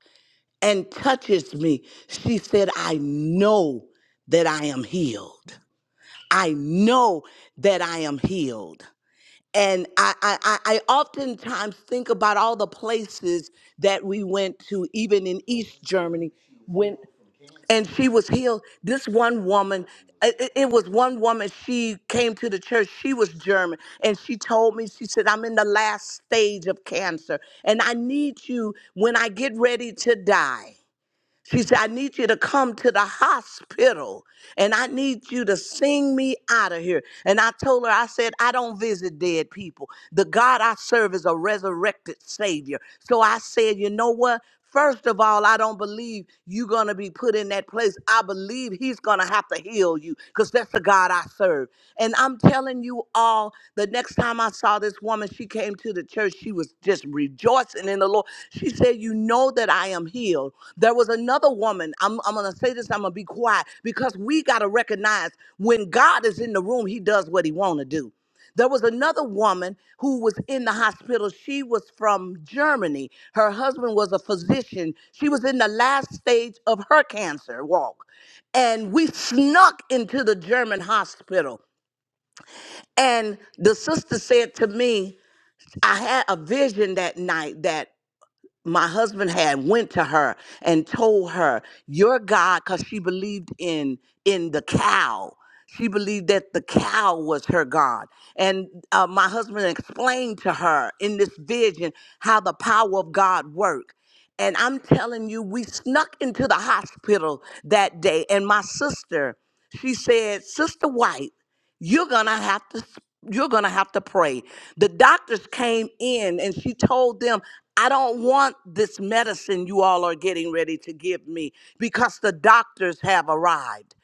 and touches me. She said, I know that I am healed. I know that I am healed and I, I, I I oftentimes think about all the places that we went to, even in East Germany, when and she was healed. This one woman, it, it it was one woman. She came to the church. She was German, and she told me, she said, "I'm in the last stage of cancer, and I need you when I get ready to die." She said, I need you to come to the hospital and I need you to sing me out of here. And I told her, I said, I don't visit dead people. The God I serve is a resurrected Savior. So I said, you know what? First of all, I don't believe you're going to be put in that place. I believe He's going to have to heal heal you because that's the God I serve. And I'm telling you all, the next time I saw this woman, she came to the church. She was just rejoicing in the Lord. She said, You know that I am healed. There was another woman. I'm, I'm going to say this, I'm going to be quiet because we got to recognize when God is in the room, he does what he want to do. There was another woman who was in the hospital. She was from Germany. Her husband was a physician. She was in the last stage of her cancer walk. And we snuck into the German hospital. And the sister said to me, I had a vision that night that." my husband had went to her and told her your god because she believed in in the cow she believed that the cow was her god and uh, my husband explained to her in this vision how the power of god worked and i'm telling you we snuck into the hospital that day and my sister she said sister white you're gonna have to you're gonna have to pray the doctors came in and she told them i don't want this medicine you all are getting ready to give me because the doctors have arrived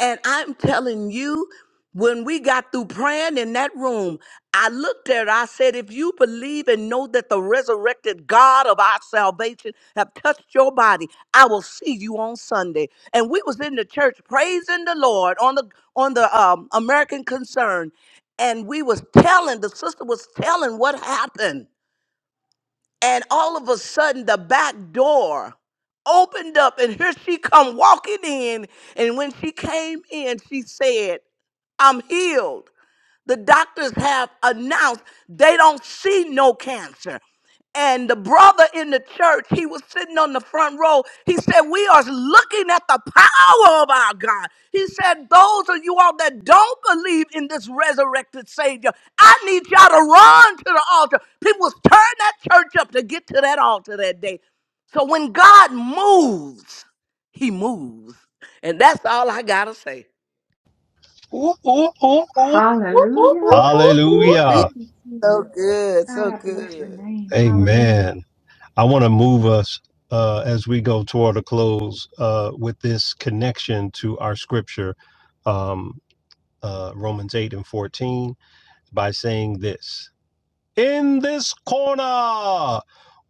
and i'm telling you when we got through praying in that room i looked at her i said if you believe and know that the resurrected god of our salvation have touched your body i will see you on sunday and we was in the church praising the lord on the on the um, American Concern, and we was telling the sister was telling what happened, and all of a sudden the back door opened up, and here she come walking in, and when she came in, she said, "I'm healed." the doctors have announced they don't see no cancer. And the brother in the church, he was sitting on the front row. He said, We are looking at the power of our God. He said, Those of you all that don't believe in this resurrected Savior, I need y'all to run to the altar. People was turning that church up to get to that altar that day. So when God moves, he moves. And that's all I got to say.
Whoop, whoop,
Hallelujah.
whoop, whoop,
Ooh,
whoop.
Yeah,
Hallelujah.
thank you,
so
Jesus.
good,
God,
so
I bless your
good.
name. Hallelujah.
Amen. I want to move
Ooh,
us uh, as we go toward a close uh, with this connection to our scripture, um, uh, Romans 8 and 14, by saying this in this corner,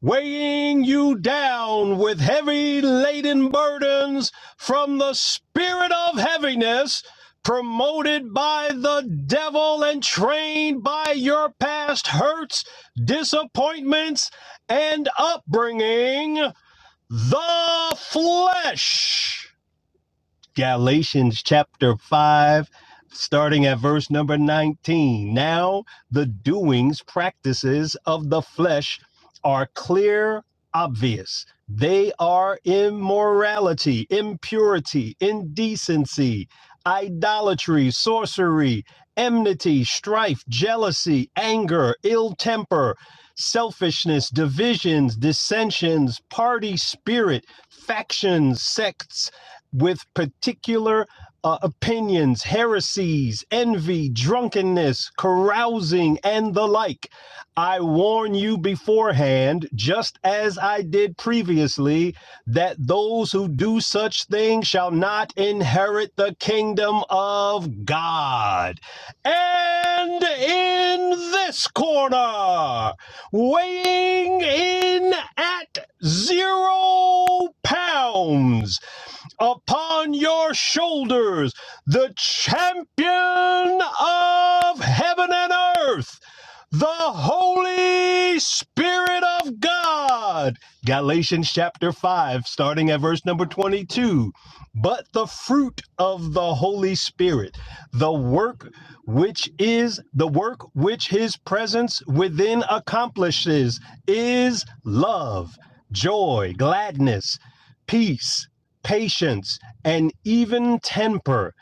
weighing you down with heavy laden burdens from the spirit of heaviness, promoted by the devil and trained by your past hurts, disappointments, and upbringing, the flesh. Galatians chapter 5, starting at verse number 19. Now the doings, practices of the flesh are clear, obvious. They are immorality, impurity, indecency, idolatry, sorcery, enmity, strife, jealousy, anger, ill temper, selfishness, divisions, dissensions, party spirit, factions, sects with particular uh, opinions, heresies, envy, drunkenness, carousing, and the like. I warn you beforehand, just as I did previously, that those who do such things shall not inherit the kingdom of God. And in this corner, weighing in at zero pounds upon your shoulders the champion of heaven and earth, the Holy Spirit of God. Galatians chapter 5, starting at verse number 22. But the fruit of the Holy Spirit, the work which is the work which his presence within accomplishes, is love, joy, gladness, peace patience, and even temper,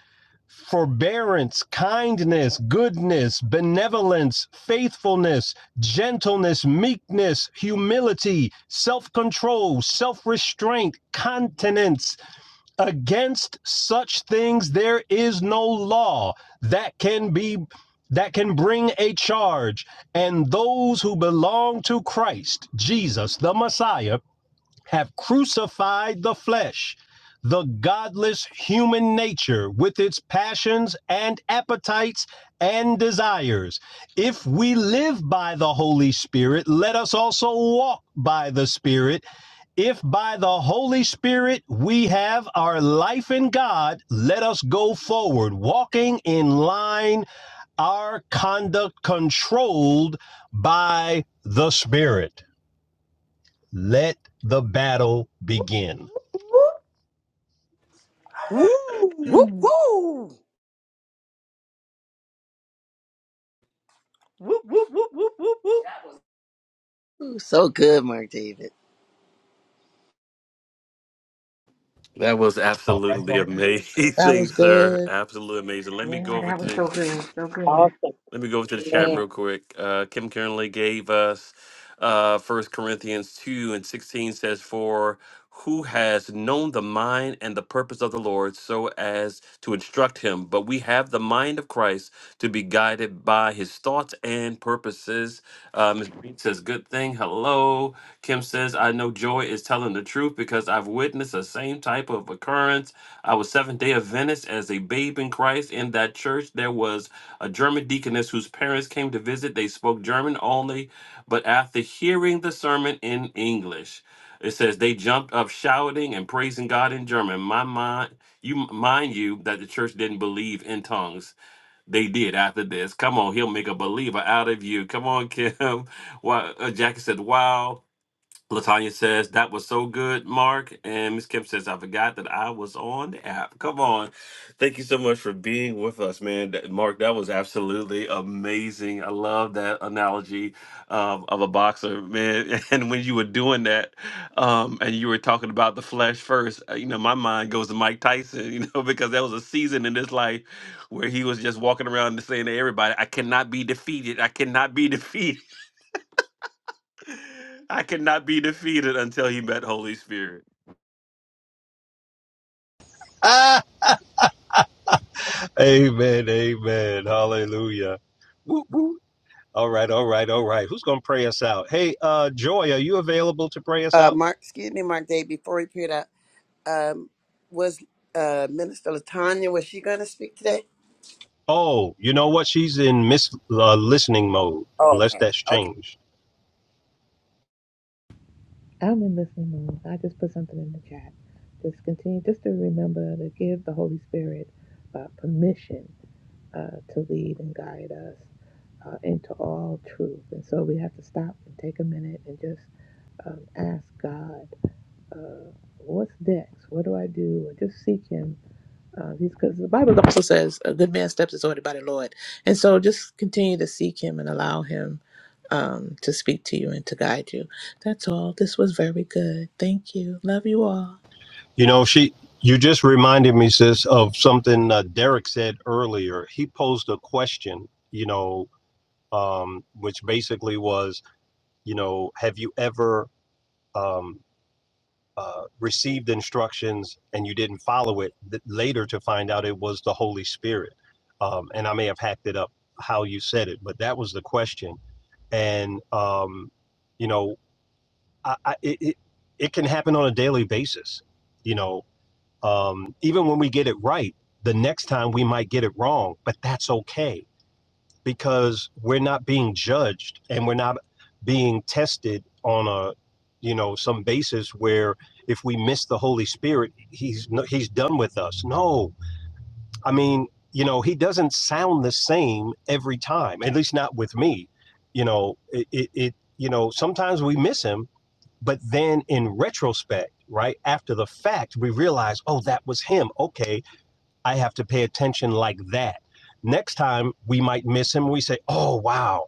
forbearance, kindness, goodness, benevolence, faithfulness, gentleness, meekness, humility, self control, self restraint, continence. Against such things there is no law that can be. That can bring a charge, and those who belong to Christ, Jesus, the Messiah, have crucified the flesh, the godless human nature with its passions and appetites and desires. If we live by the Holy Spirit, let us also walk by the Spirit. If by the Holy Spirit we have our life in God, let us go forward, walking in line, our conduct controlled by the Spirit. Let the battle
Whoop,
begin.
whoop, whoop, whoop.
Woo
whoop, whoop, whoop, whoop, whoop, whoop.
Ooh, so good, Mark David.
That was
All right,
absolutely
all right.
That
amazing,
was
sir.
good.
Absolutely amazing. Let me go
yeah,
over
that
to
was
the
so good. So good.
Let me go over to the chat
Amen.
real quick. Uh, Kim Kernley gave us uh, 1 Corinthians 2 and 16 says, For who has known the mind and the purpose of the Lord so as to instruct him? But we have the mind of Christ to be guided by his thoughts and purposes. Uh, Ms. Green says, Good thing. Hello. Kim says, I know Joy is telling the truth because I've witnessed the same type of occurrence. I was Seventh day Adventist as a babe in Christ. In that church, there was a German deaconess whose parents came to visit. They spoke German only, but after hearing the sermon in English, it says they jumped up shouting and praising God in German. My mind, you mind you that the church didn't believe in tongues. They did after this. Come on, he'll make a believer out of you. Come on, Kim. Wow, uh, Jackie said, "Wow." Latanya says that was so good, Mark. And Miss Kim says I forgot that I was on the app. Come on, thank you so much for being with us, man. That- Mark, that was absolutely amazing. I love that analogy um, of a boxer, man. And when you were doing that, um, and you were talking about the flesh first, uh, you know, my mind goes to Mike Tyson, you know, because there was a season in his life where he was just walking around and saying to everybody, "I cannot be defeated. I cannot be defeated." I could not be defeated until he met Holy Spirit.
Ah, amen, amen, hallelujah. Whoop, whoop. All right, all right, all right. Who's gonna pray us out? Hey, uh, Joy, are you available to pray us
Uh,
out?
Mark, excuse me, Mark David. Before he peered out, um, was uh Minister Latanya was she going to speak today?
Oh, you know what? She's in miss uh, listening mode,
Oh,
unless
okay,
that's
okay.
changed.
I'm in listening mode. I just put something in the chat. Just continue, just to remember to give the Holy Spirit uh, permission uh, to lead and guide us uh, into all truth. And so we have to stop and take a minute and just um, ask God, uh, what's next? What do I do? Or just seek Him Uh, because the Bible also says a good man's steps is ordered by the Lord, and so just continue to seek Him and allow Him um, to speak to you and to guide you. That's all. This was very good. Thank you. Love you all.
You know, she. You just reminded me, sis, of something uh, Derek said earlier. He posed a question, you know, um, which basically was, you know, have you ever? Um, uh, received instructions and you didn't follow it th- later to find out it was the Holy Spirit. Um, and I may have hacked it up how you said it, but that was the question. And, um, you know, I, I, it, it, it can happen on a daily basis. You know, um, even when we get it right, the next time we might get it wrong, but that's okay because we're not being judged and we're not being tested on a you know some basis where if we miss the holy spirit he's no, he's done with us no i mean you know he doesn't sound the same every time at least not with me you know it, it, it you know sometimes we miss him but then in retrospect right after the fact we realize oh that was him okay I have to pay attention like that. Next time we might miss him. We say, oh, wow,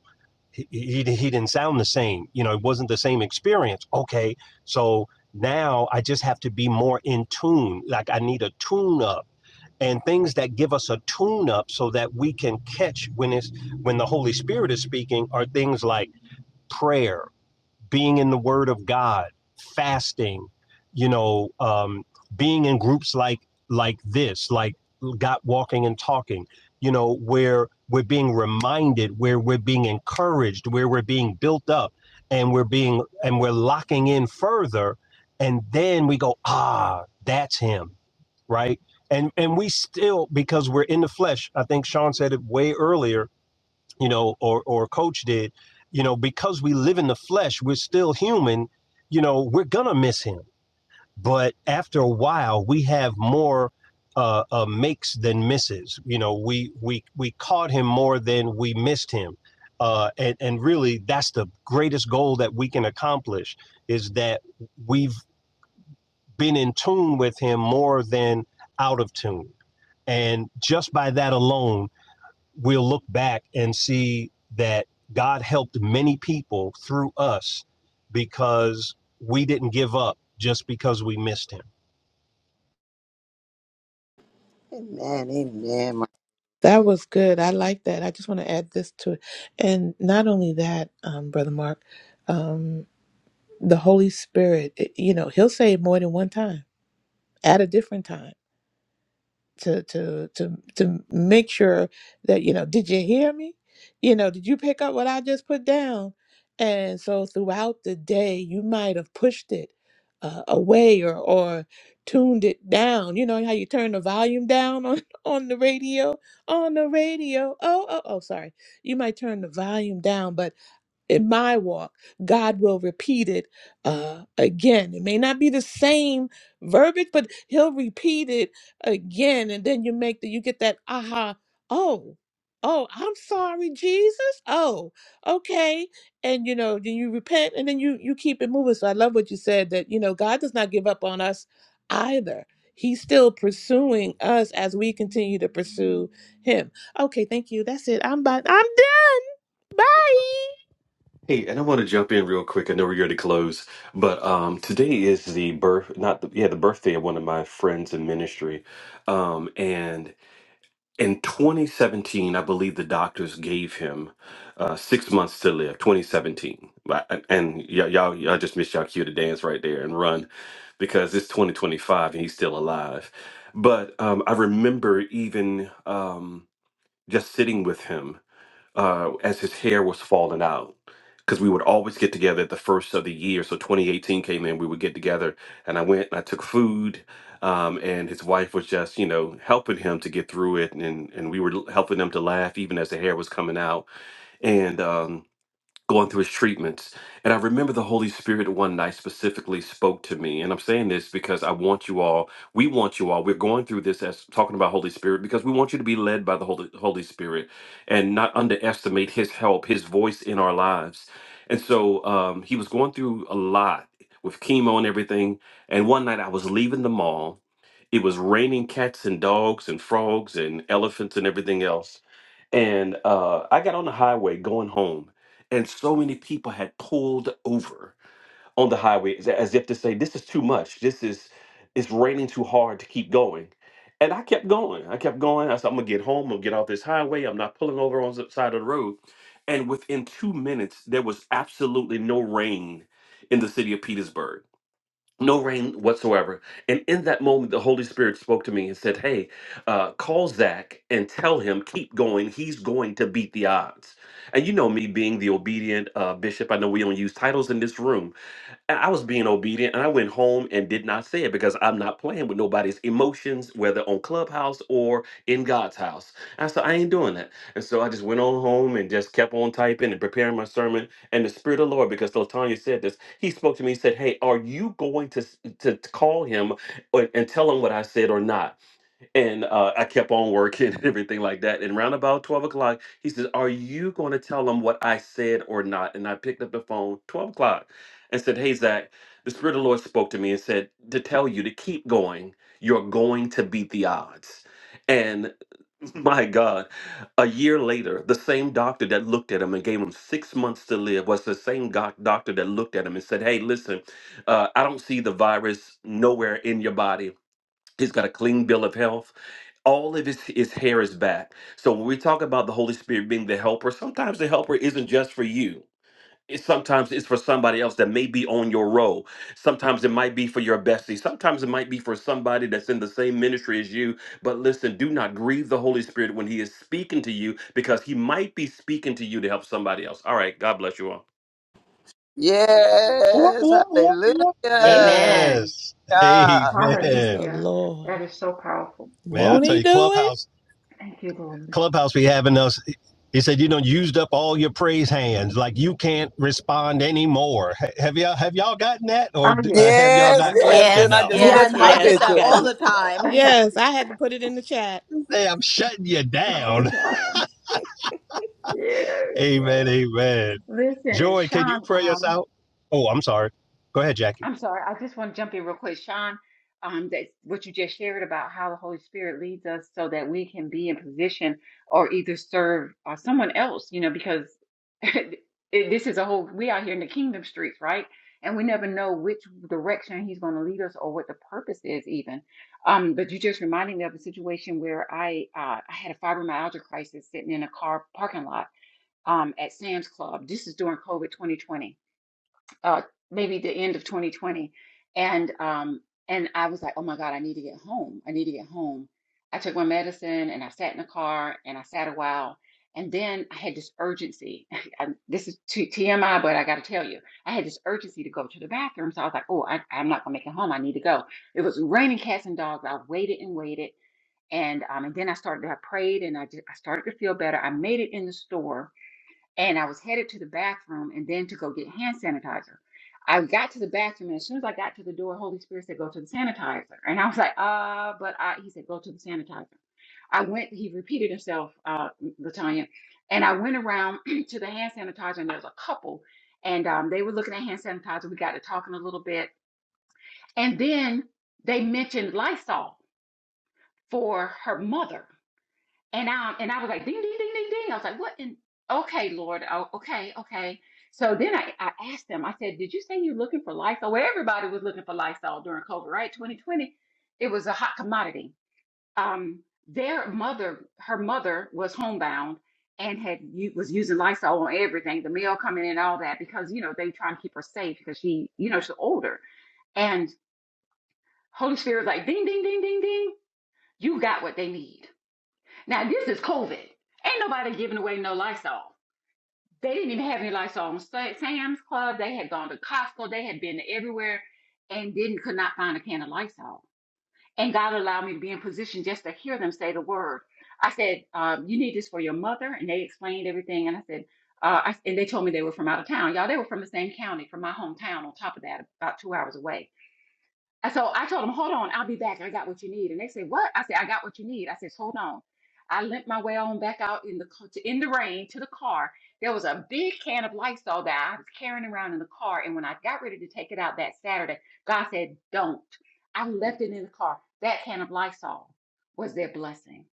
he, he, he didn't sound the same. You know, it wasn't the same experience. Okay. So now I just have to be more in tune. Like I need a tune up and things that give us a tune up so that we can catch when it's when the Holy Spirit is speaking are things like prayer, being in the Word of God, fasting, you know, um, being in groups like like this, like God walking and talking, you know, where we're being reminded, where we're being encouraged, where we're being built up, and we're being and we're locking in further, and then we go, ah, that's him, right? And and we still because we're in the flesh. I think Sean said it way earlier you know, or or coach did, you know, because we live in the flesh, we're still human, you know, we're gonna miss him. But after a while, we have more uh, uh, makes than misses. You know, we we we caught him more than we missed him, uh, and and really, that's the greatest goal that we can accomplish is that we've been in tune with him more than out of tune, and just by that alone, we'll look back and see that God helped many people through us because we didn't give up just because we missed him.
Amen, amen. Mark.
That was good. I like that. I just want to add this to it, and not only that, um, brother Mark, um, the Holy Spirit. it- you know, He'll say it more than one time at a different time. to to to to make sure that you know did you hear me you know did you pick up what i just put down and so throughout the day you might have pushed it uh, away or or tuned it down you know how you turn the volume down on on the radio on the radio oh oh oh sorry you might turn the volume down but in my walk, God will repeat it uh, again. It may not be the same verbiage, but He'll repeat it again, and then you make the you get that aha, oh, oh, I'm sorry, Jesus, oh, okay, and you know then you repent, and then you you keep it moving. So I love what you said that you know God does not give up on us either. He's still pursuing us as we continue to pursue Him. Okay, thank you. That's it. I'm by, I'm done. Bye.
Hey, and I want to jump in real quick. I know we're going to close, but um, today is the birth, not the, yeah, the birthday of one of my friends in ministry. Um, and in 2017, I believe the doctors gave him uh, six months to live. 2017, But- uh, and y- y'all, y'all just missed y'all cue to dance right there and run because it's 2025 and he's still alive. But um, I remember even um, just sitting with him uh, as his hair was falling out because we would always get together at the first of the year. So 2018 came in, we would get together, and I went and I took food, um, and his wife was just you know helping him to get through it, and and we were helping him to laugh even as the hair was coming out, and um, going through his treatments. And I remember the Holy Spirit one night specifically spoke to me. And I'm saying this because I want you all, we want you all, we're going through this as talking about Holy Spirit because we want you to be led by the Holy, Holy Spirit and not underestimate his help, his voice in our lives. And so um, he was going through a lot with chemo and everything. And one night I was leaving the mall. It was raining cats and dogs and frogs and elephants and everything else and uh, I got on the highway going home, and so many people had pulled over on the highway as as if to say, "This is too much. This is it's raining too hard to keep going." And I kept going. I kept going. I said, "I'm gonna get home. I'm gonna get off this highway. I'm not pulling over on the side of the road." And within two minutes, there was absolutely no rain in the city of Petersburg no rain whatsoever. And in that moment, the Holy Spirit spoke to me and said, Hey, uh, call Zach and tell him, keep going. He's going to beat the odds. And you know me being the obedient uh, bishop. I know we don't use titles in this room, and I was being obedient and I went home and did not say it because I'm not playing with nobody's emotions, whether on Clubhouse or in God's house. And I said, I ain't doing that. And so I just went on home and just kept on typing and preparing my sermon. And the Spirit of the Lord, because Latanya said this, he spoke to me and said, Hey, are you going to, s- to, to call him or- and tell him what I said or not? And uh, I kept on working and everything like that. And round about 12 o'clock, he says, Are you going to tell them what I said or not? And I picked up the phone 12 o'clock and said, Hey, Zach, the Spirit of the Lord spoke to me and said, To tell you to keep going, you're going to beat the odds. And my God, a year later, the same doctor that looked at him and gave him six months to live was the same doc- doctor that looked at him and said, Hey, listen, uh, I don't see the virus nowhere in your body. He's got a clean bill of health all of his, his hair is back. So when we talk about the Holy Spirit being the helper, sometimes the helper isn't just for you. It sometimes it's for somebody else that may be on your row. Sometimes it might be for your bestie. Sometimes it might be for somebody that's in the same ministry as you. But listen, do not grieve the Holy Spirit when he is speaking to you because he might be speaking to you to help somebody else. All right, God bless you all.
Whoop,
Yes,
whoop, whoop,
hallelujah,
whoop.
Amen.
Yes. Hey,
God.
Praise
man.
the
Hallelujah.
Lord.
That is so powerful.
Man, I
Won't
tell
he
you,
do it?
Clubhouse,
Thank you, Lord.
Clubhouse be having us. He said, you know, used up all your praise hands. Like you can't respond anymore. Have y'all, have y'all gotten that
Oh,
or uh,
yes.
have y'all
Yes,
not
I've gotten
yes.
it
clapped
Then I
Yes,
enough?
just
over
yes,
Yes,
touched
and
I
my
over
yes.
Yes,
get
I've
that
picture.
all
gotten it.
the
again.
time.
Yes, I had to put it in the chat.
Hey, I'm shutting you
All
down.
the time. Yes,
Amen.
yes.
Amen.
Listen,
Joy, can you
Sean,
pray us
um,
out? Oh, I'm sorry. Go ahead, Jackie.
I'm sorry, I just want to jump in real quick, Sean. Um, that what you just shared about how the Holy Spirit leads us so that we can be in position or either serve uh, someone else, you know, because it, this is a whole we out here in the kingdom streets, right? And we never know which direction he's going to lead us or what the purpose is, even. Um, but you just reminded me of a situation where I uh, I had a fibromyalgia crisis sitting in a car parking lot um, at Sam's Club. This is during COVID 2020 uh, maybe the end of 2020, and um, and I was like, oh my God, I need to get home. I need to get home. I took my medicine and I sat in the car and I sat a while, and then I had this urgency. I, this is t- TMI, but I got to tell you, I had this urgency to go to the bathroom. So I was like, oh, I, I'm not gonna make it home. I need to go. It was raining cats and dogs. I waited and waited. And um, and then I started. I prayed, and I just, I started to feel better. I made it in the store, and I was headed to the bathroom and then to go get hand sanitizer. I got to the bathroom and as soon as I got to the door, Holy Spirit said, "Go to the sanitizer," and I was like, "Uh," but I, he said, "Go to the sanitizer." I went. He repeated himself, uh, Latanya, and I went around to the hand sanitizer, and there was a couple, and um, they were looking at hand sanitizer. We got to talking a little bit, and then they mentioned Lysol for her mother. And um, and I was like, ding, ding, ding, ding, ding. I was like, what in? Okay, Lord. Oh, okay, okay. So then I, I asked them, I said, did you say you're looking for Lysol? Well, everybody was looking for Lysol during COVID, right? 2020, it was a hot commodity. Um, their mother, her mother was homebound and had u- was using Lysol on everything, the mail coming in, all that, because, you know, they trying to keep her safe because she, you know, she's older. And Holy Spirit was like, ding, ding, ding, ding, ding. You got what they need. Now this is COVID. Ain't nobody giving away no Lysol. They didn't even have any Lysol on Sam's Club. They had gone to Costco. They had been everywhere and didn't could not find a can of Lysol. And God allowed me to be in position just to hear them say the word. I said, um, "You need this for your mother," and they explained everything. And I said, uh, I, and they told me they were from out of town. Y'all, they were from the same county, from my hometown. On top of that, about two hours away. And so I told him, hold on, I'll be back. I got what you need. And they said, what? I said, I got what you need. I said, hold on. I limped my way on back out in the ca- to- in the rain to the car. There was a big can of Lysol that I was carrying around in the car. And when I got ready to take it out that Saturday, God said, don't. I left it in the car. That can of Lysol was their blessing.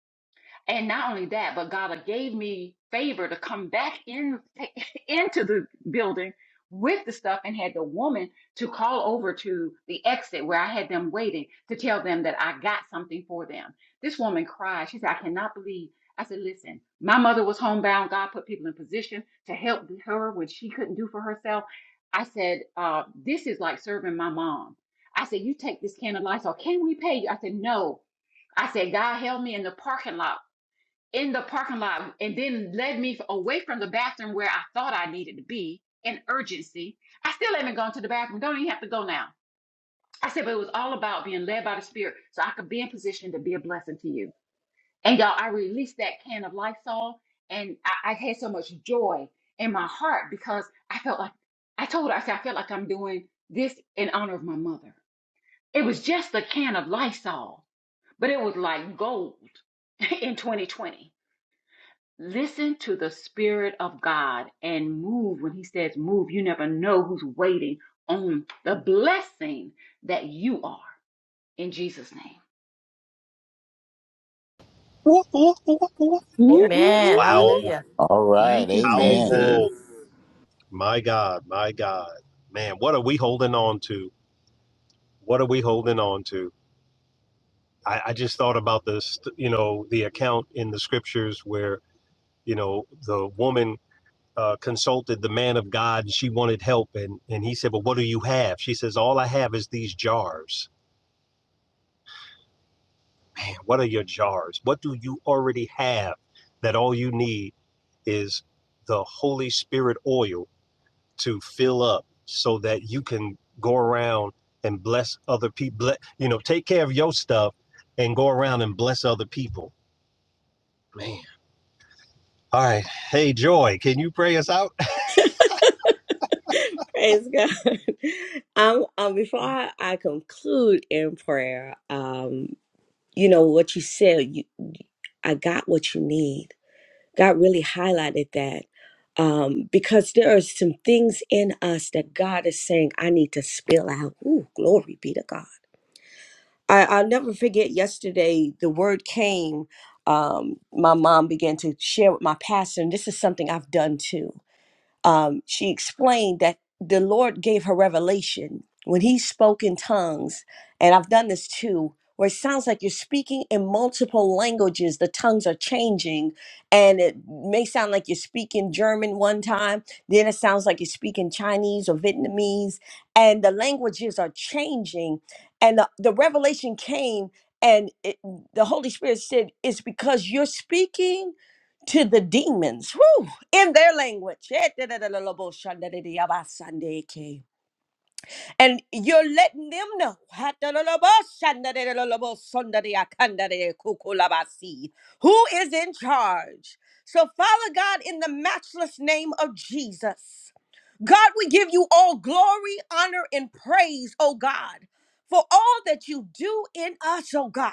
And not only that, but God gave me favor to come back in into the building with the stuff and had the woman to call over to the exit where I had them waiting to tell them that I got something for them. This woman cried. She said, I cannot believe. I said, listen, my mother was homebound. God put people in position to help her when she couldn't do for herself. I said, uh, this is like serving my mom. I said, you take this can of Lysol. Can we pay you? I said, no. I said, God held me in the parking lot in the parking lot and then led me away from the bathroom where I thought I needed to be in urgency. I still haven't gone to the bathroom. Don't even have to go now. I said, but it was all about being led by the Spirit so I could be in position to be a blessing to you. And y'all, I released that can of Lysol and I, I had so much joy in my heart because I felt like, I told her, I said, I felt like I'm doing this in honor of my mother. It was just a can of Lysol, but it was like gold in 2020. Listen to the Spirit of God and move. When He says move, you never know who's waiting on the blessing that you are in Jesus' name.
Woo, woo, woo, woo.
Woo, woo,
woo.
Amen.
woo,
Wow.
woo.
Hallelujah.
All right.
Thank you,
Amen.
Jesus.
Powerful. My God. My God. Man, what are we holding on to? What are we holding on to? I, I just thought about this, you know, the account in the scriptures where, you know, the woman uh, consulted the man of God and she wanted help. And, and he said, Well, what do you have? She says, All I have is these jars. man, what are your jars? What do you already have that all you need is the Holy Spirit oil to fill up so that you can go around and bless other people? You know, take care of your stuff and go around and bless other people. Man. All right. Hey, Joy, can you pray us out?
Praise God. um, um, before I, I conclude in prayer, um, you know what you said. You, I got what you need. God really highlighted that um, because there are some things in us that God is saying, I need to spill out. Ooh, glory be to God. I, I'll never forget yesterday, the word came. Um, my mom began to share with my pastor, and this is something I've done too um, she explained that the Lord gave her revelation when He spoke in tongues, and I've done this too, where it sounds like you're speaking in multiple languages. The tongues are changing, and it may sound like you're speaking German one time, then it sounds like you're speaking Chinese or Vietnamese, and the languages are changing. And the, the revelation came, and it, the Holy Spirit said, It's because you're speaking to the demons. Whew! in their language. And you're letting them know who is in charge. So, Father God, in the matchless name of Jesus, God, we give you all glory, honor, and praise, oh God, for all that you do in us, oh God.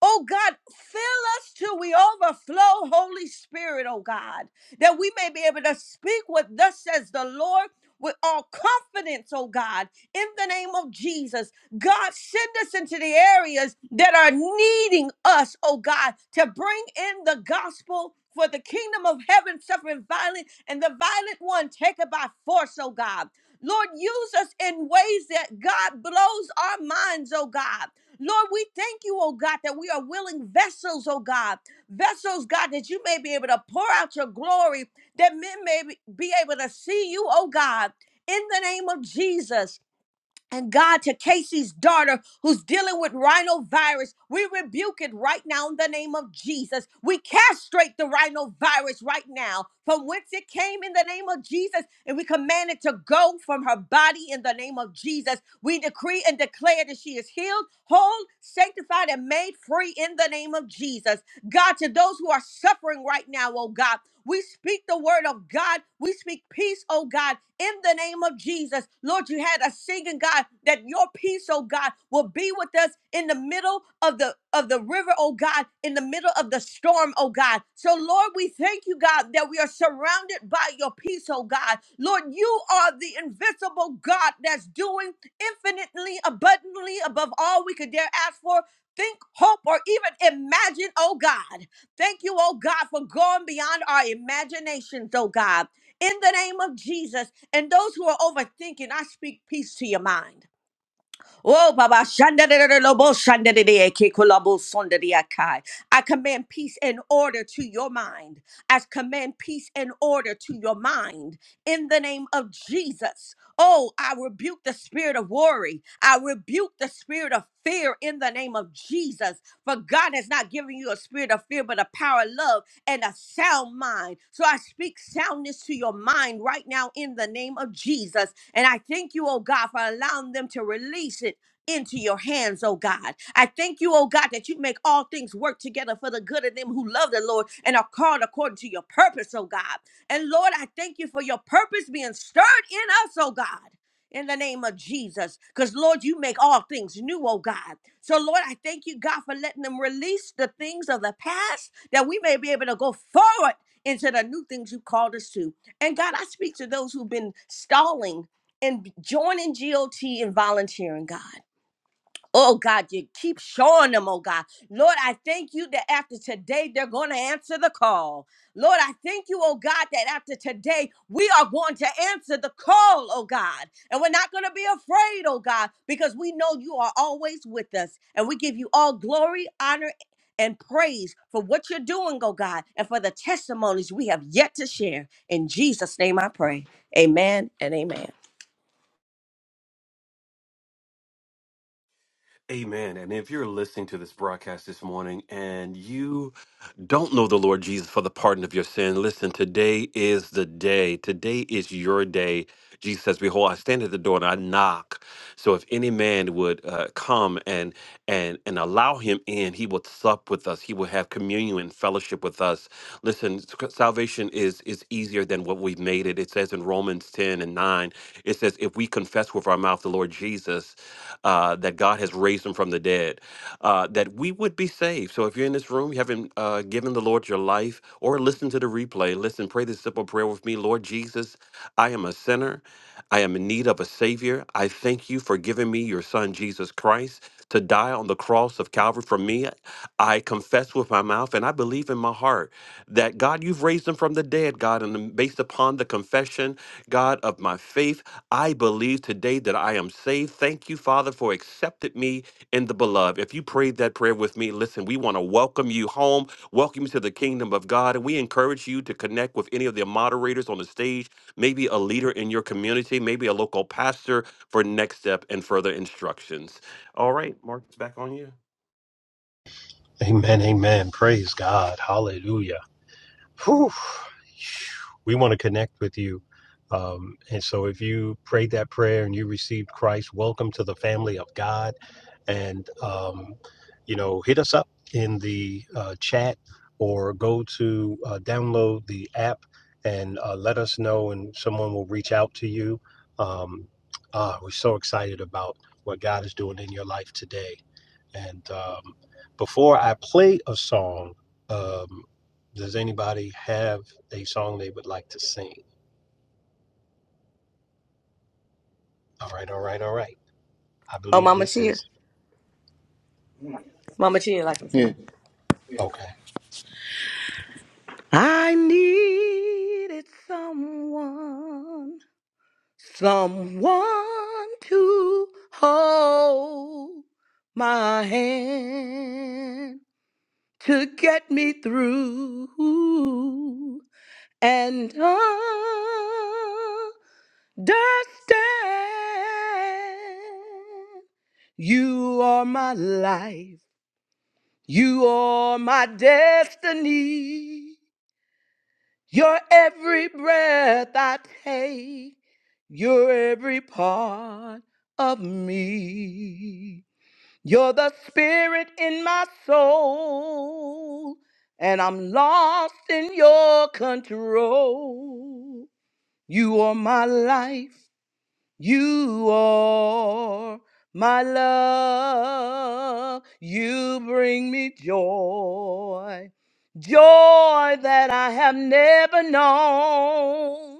Oh God, fill us till we overflow, Holy Spirit, oh God, that we may be able to speak what thus says the Lord with all confidence, oh God, in the name of Jesus. God, send us into the areas that are needing us, oh God, to bring in the gospel. For the kingdom of heaven suffering violent, and the violent one taken by force, oh God. Lord, use us in ways that God blows our minds, oh God Lord, we thank you, oh God, that we are willing vessels, oh God. Vessels, God, that you may be able to pour out your glory, that men may be able to see you, oh God. In the name of Jesus, and God, to Casey's daughter who's dealing with rhinovirus, we rebuke it right now in the name of Jesus. We castrate the rhinovirus right now from whence it came in the name of Jesus, and we command it to go from her body in the name of Jesus. We decree and declare that she is healed, whole, sanctified, and made free in the name of Jesus. God, to those who are suffering right now, oh God. We speak the word of God. We speak peace, oh God, in the name of Jesus. Lord, you had us singing, God, that your peace, oh God, will be with us in the middle of the of the river, oh God, in the middle of the storm, oh God. So Lord, we thank you, God, that we are surrounded by your peace, oh God. Lord, you are the invincible God that's doing infinitely abundantly above all we could dare ask for, think, hope, or even imagine, oh God. Thank you, oh God, for going beyond our imaginations, oh God. In the name of Jesus, and those who are overthinking, I speak peace to your mind. Oh, Baba, shandadadada, lobo, shandadadada, ke kolabo, sondadada, kai. I command peace and order to your mind. I command peace and order to your mind in the name of Jesus. Oh, I rebuke the spirit of worry. I rebuke the spirit of fear in the name of Jesus. For God has not given you a spirit of fear, but a power of love and a sound mind. So I speak soundness to your mind right now in the name of Jesus. And I thank you, oh God, for allowing them to release it into your hands, oh God. I thank you, oh God, that you make all things work together for the good of them who love the Lord and are called according to your purpose, oh God. And Lord, I thank you for your purpose being stirred in us, oh God in the name of Jesus. Because, Lord, you make all things new, oh God. So, Lord, I thank you, God, for letting them release the things of the past that we may be able to go forward into the new things you called us to. And, God, I speak to those who've been stalling and joining GOT and volunteering, God. Oh God, you keep showing them, oh God. Lord, I thank you that after today they're going to answer the call. Lord, I thank you, oh God, that after today we are going to answer the call, oh God. And we're not going to be afraid, oh God, because we know you are always with us. And we give you all glory, honor, and praise for what you're doing, oh God, and for the testimonies we have yet to share. In Jesus' name I pray. Amen and amen.
Amen. And if you're listening to this broadcast this morning and you don't know the Lord Jesus for the pardon of your sin, listen, today is the day. Today is your day. Jesus says, "Behold, I stand at the door and I knock. So if any man would uh, come and and and allow him in, he will sup with us. He will have communion and fellowship with us. Listen, sc- salvation is is easier than what we've made it. It says in Romans ten and nine, it says, if we confess with our mouth the Lord Jesus, uh, that God has raised him from the dead." uh, that we would be saved. So if you're in this room, you haven't uh, given the Lord your life or listen to the replay, listen, pray this simple prayer with me Lord Jesus, I am a sinner. I am in need of a Savior. I thank you for giving me your Son, Jesus Christ, to die on the cross of Calvary for me. I confess with my mouth and I believe in my heart that God, you've raised him from the dead, God. And based upon the confession, God, of my faith, I believe today that I am saved. Thank you, Father, for accepting me in the beloved. If you prayed that prayer with me, listen, we want to welcome you home, welcome you to the kingdom of God, and we encourage you to connect with any of the moderators on the stage, maybe a leader in your community, maybe a local pastor for next step and further instructions. All right, Mark, it's back on you.
Amen. Amen. Praise God. Hallelujah. Whew. We want to connect with you. Um, and so if you prayed that prayer and you received Christ, welcome to the family of God. And, um, you know, hit us up in the uh, chat or go to uh, download the app and uh, let us know, and someone will reach out to you. Um, uh, we're so excited about what God is doing in your life today. And um, before I play a song, um, does anybody have a song they would like to sing? All right, all right, all right. I
Oh,
believe
Mama
this
Tia.
is
Mama Tia, like you
Yeah.
said.
okay.
I needed someone, someone to hold my hand to get me through and understand. You are my life, you are my destiny. Your every breath I take, you're every part of me. You're the spirit in my soul, and I'm lost in your control. You are my life. You are my love. You bring me joy. Joy that I have never known.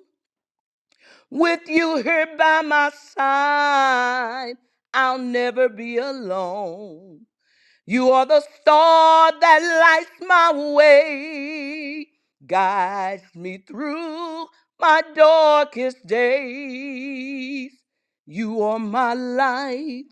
With you here by my side, I'll never be alone. You are the star that lights my way, guides me through my darkest days. You are my light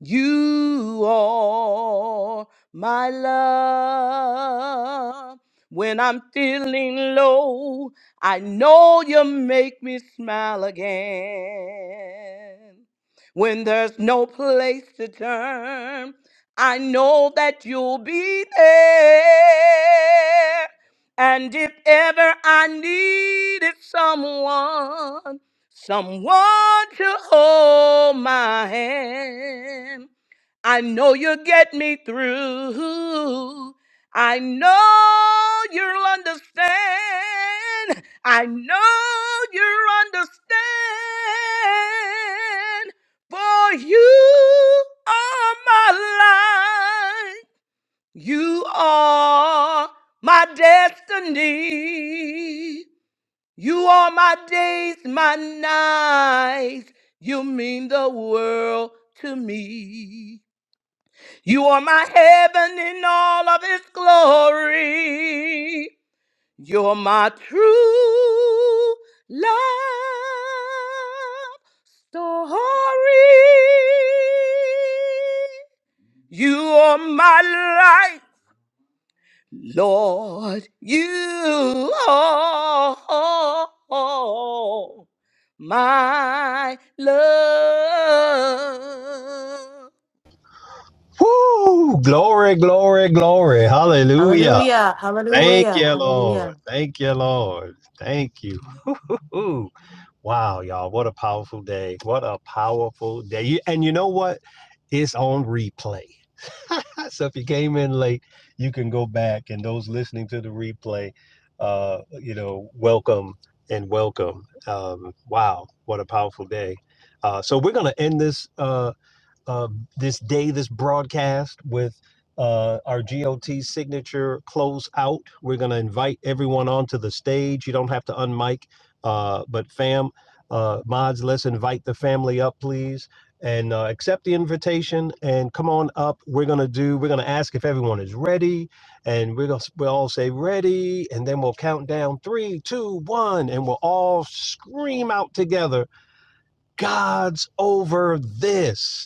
you are my love. When I'm feeling low, I know you make me smile again. When there's no place to turn, I know that you'll be there. And if ever I needed someone, someone to hold my hand. I know you'll get me through. I know you'll understand. I know you'll understand. For you are my life. You are my destiny. You are my days, my nights. You mean the world to me. You are my heaven in all of its glory. You're my true love story. You are my Lord, you are my love.
Woo! Glory, glory, glory. Hallelujah.
Hallelujah.
Thank
Hallelujah.
you,
Hallelujah.
Lord. Thank you, Lord. Thank you. Ooh, wow, y'all. What a powerful day. What a powerful day. You- And you know what? It's on replay. so if you came in late, you can go back. And those listening to the replay, uh, you know, welcome and welcome. Um, wow, what a powerful day. Uh, so we're going to end this. Uh, uh, this day, this broadcast with uh, our GOT signature close out. We're going to invite everyone onto the stage. You don't have to unmic, uh, but fam, uh, mods, let's invite the family up, please, and uh, accept the invitation and come on up. We're going to do, we're going to ask if everyone is ready, and we're going to we'll all say ready, and then we'll count down three, two, one, and we'll all scream out together, God's over this.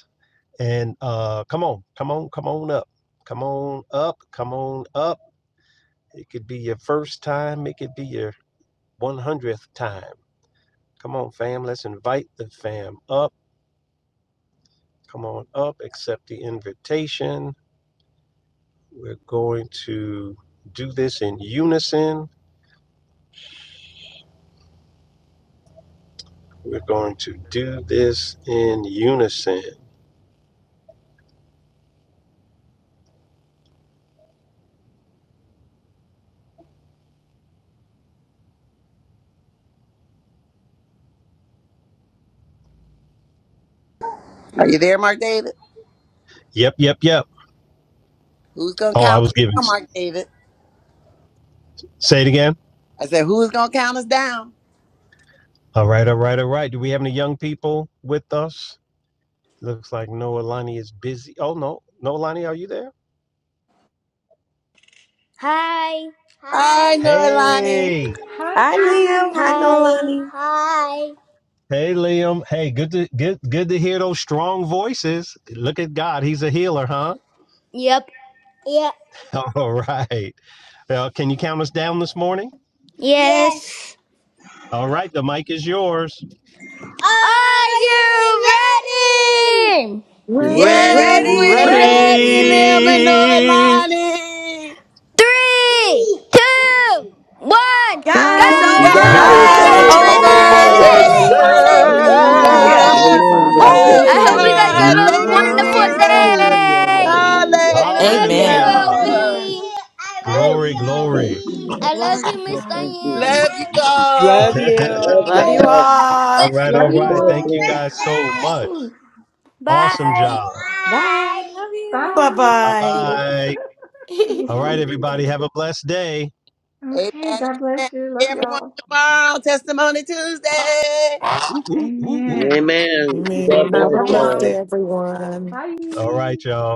And uh, come on, come on, come on up. Come on up, come on up. It could be your first time, it could be your 100th time. Come on, fam, let's invite the fam up. Come on up, accept the invitation. We're going to do this in unison. We're going to do this in unison.
Are you there, Mark David?
Yep, yep, yep.
Who's gonna
Oh, I
count
was
us
giving.
down, Mark David?
Say it again.
I said, who's gonna count us down?
All right, all right, all right. Do we have any young people with us? Looks like Noah Lonnie is busy. Oh no, Noah Lonnie, are you there?
Hi. Hi.
I know, Noelani.
Hey,
Hi,
I knew. I
sweeties.
know,
Hi.
Lonnie.
hey, Liam. Hey, good to good good to hear those strong voices. Look at God, He's a healer, huh?
Yep.
All right. Well, can you count us down this morning?
Yes. Yes.
All right, the mic is yours.
Are you ready?
Ready?
Ready.
Yes, we're
Ready.
Ready?
ready, Lim and
Ready?
Noelani.
Three, two, one. Three. two, one.
Guys,
God is
God
God's
over
God
God
God's
over
is
is
God's
over
God's
Almighty!
over
over
this.
this.
holiness.
this.
over
this.
over
Lazarus
this.
this. Whoop,
Hallelujah.
Ooh,
Woo!
Thank
whoop,
you,
Hallelujah.
Woo!
Amen.
whoop.
Jesus.
Hallelujah.
this.
Thank you,
Hallelujah.
Hallelujah.
Father.
Hallelujah. Yes,
Thank
I
Praise
you,
Hallelujah.
hope you
Lord.
guys
Thank
God.
Lord.
have a
Hallelujah.
you,
Thank you,
Father.
wonderful
Thank
Yep.
you,
Thank
Jesus.
you,
Jesus.
day.
Father.
Hallelujah.
Hallelujah.
I
Thank you.
love you,
Thank
Amen.
you,
Hallelujah.
Obi.
Hallelujah.
Lord.
Glory,
Hallelujah.
glory.
I love
Glory to
you, Miss
God.
Thank
Thank you,
Diane.
you.
Love you
Jesus.
Love
all.
Love
Love
you.
you
y'all.
All
all.
Bless
right,
Love
all
Have
you.
a
you
right.
blessed
all.
Thank you
one.
guys so much.
Ooh.
Awesome
Bye.
job.
Bye. Love you.
Bye.
all.
Bye
Bye bye.
you
All
bye.
right,
sweeties.
everybody. Have a blessed day.
Amen.
Okay,
amen.
God bless you.
See
Love
Everyone
y'all.
tomorrow, Testimony Tuesday.
Woo, woo, woo, woo.
Amen.
Amen. God
Greetings,
Amen. Have
bless
a
Love
everyone.
blessed
y'all.
y'all.
day, everyone.
All
Bye.
right, y'all.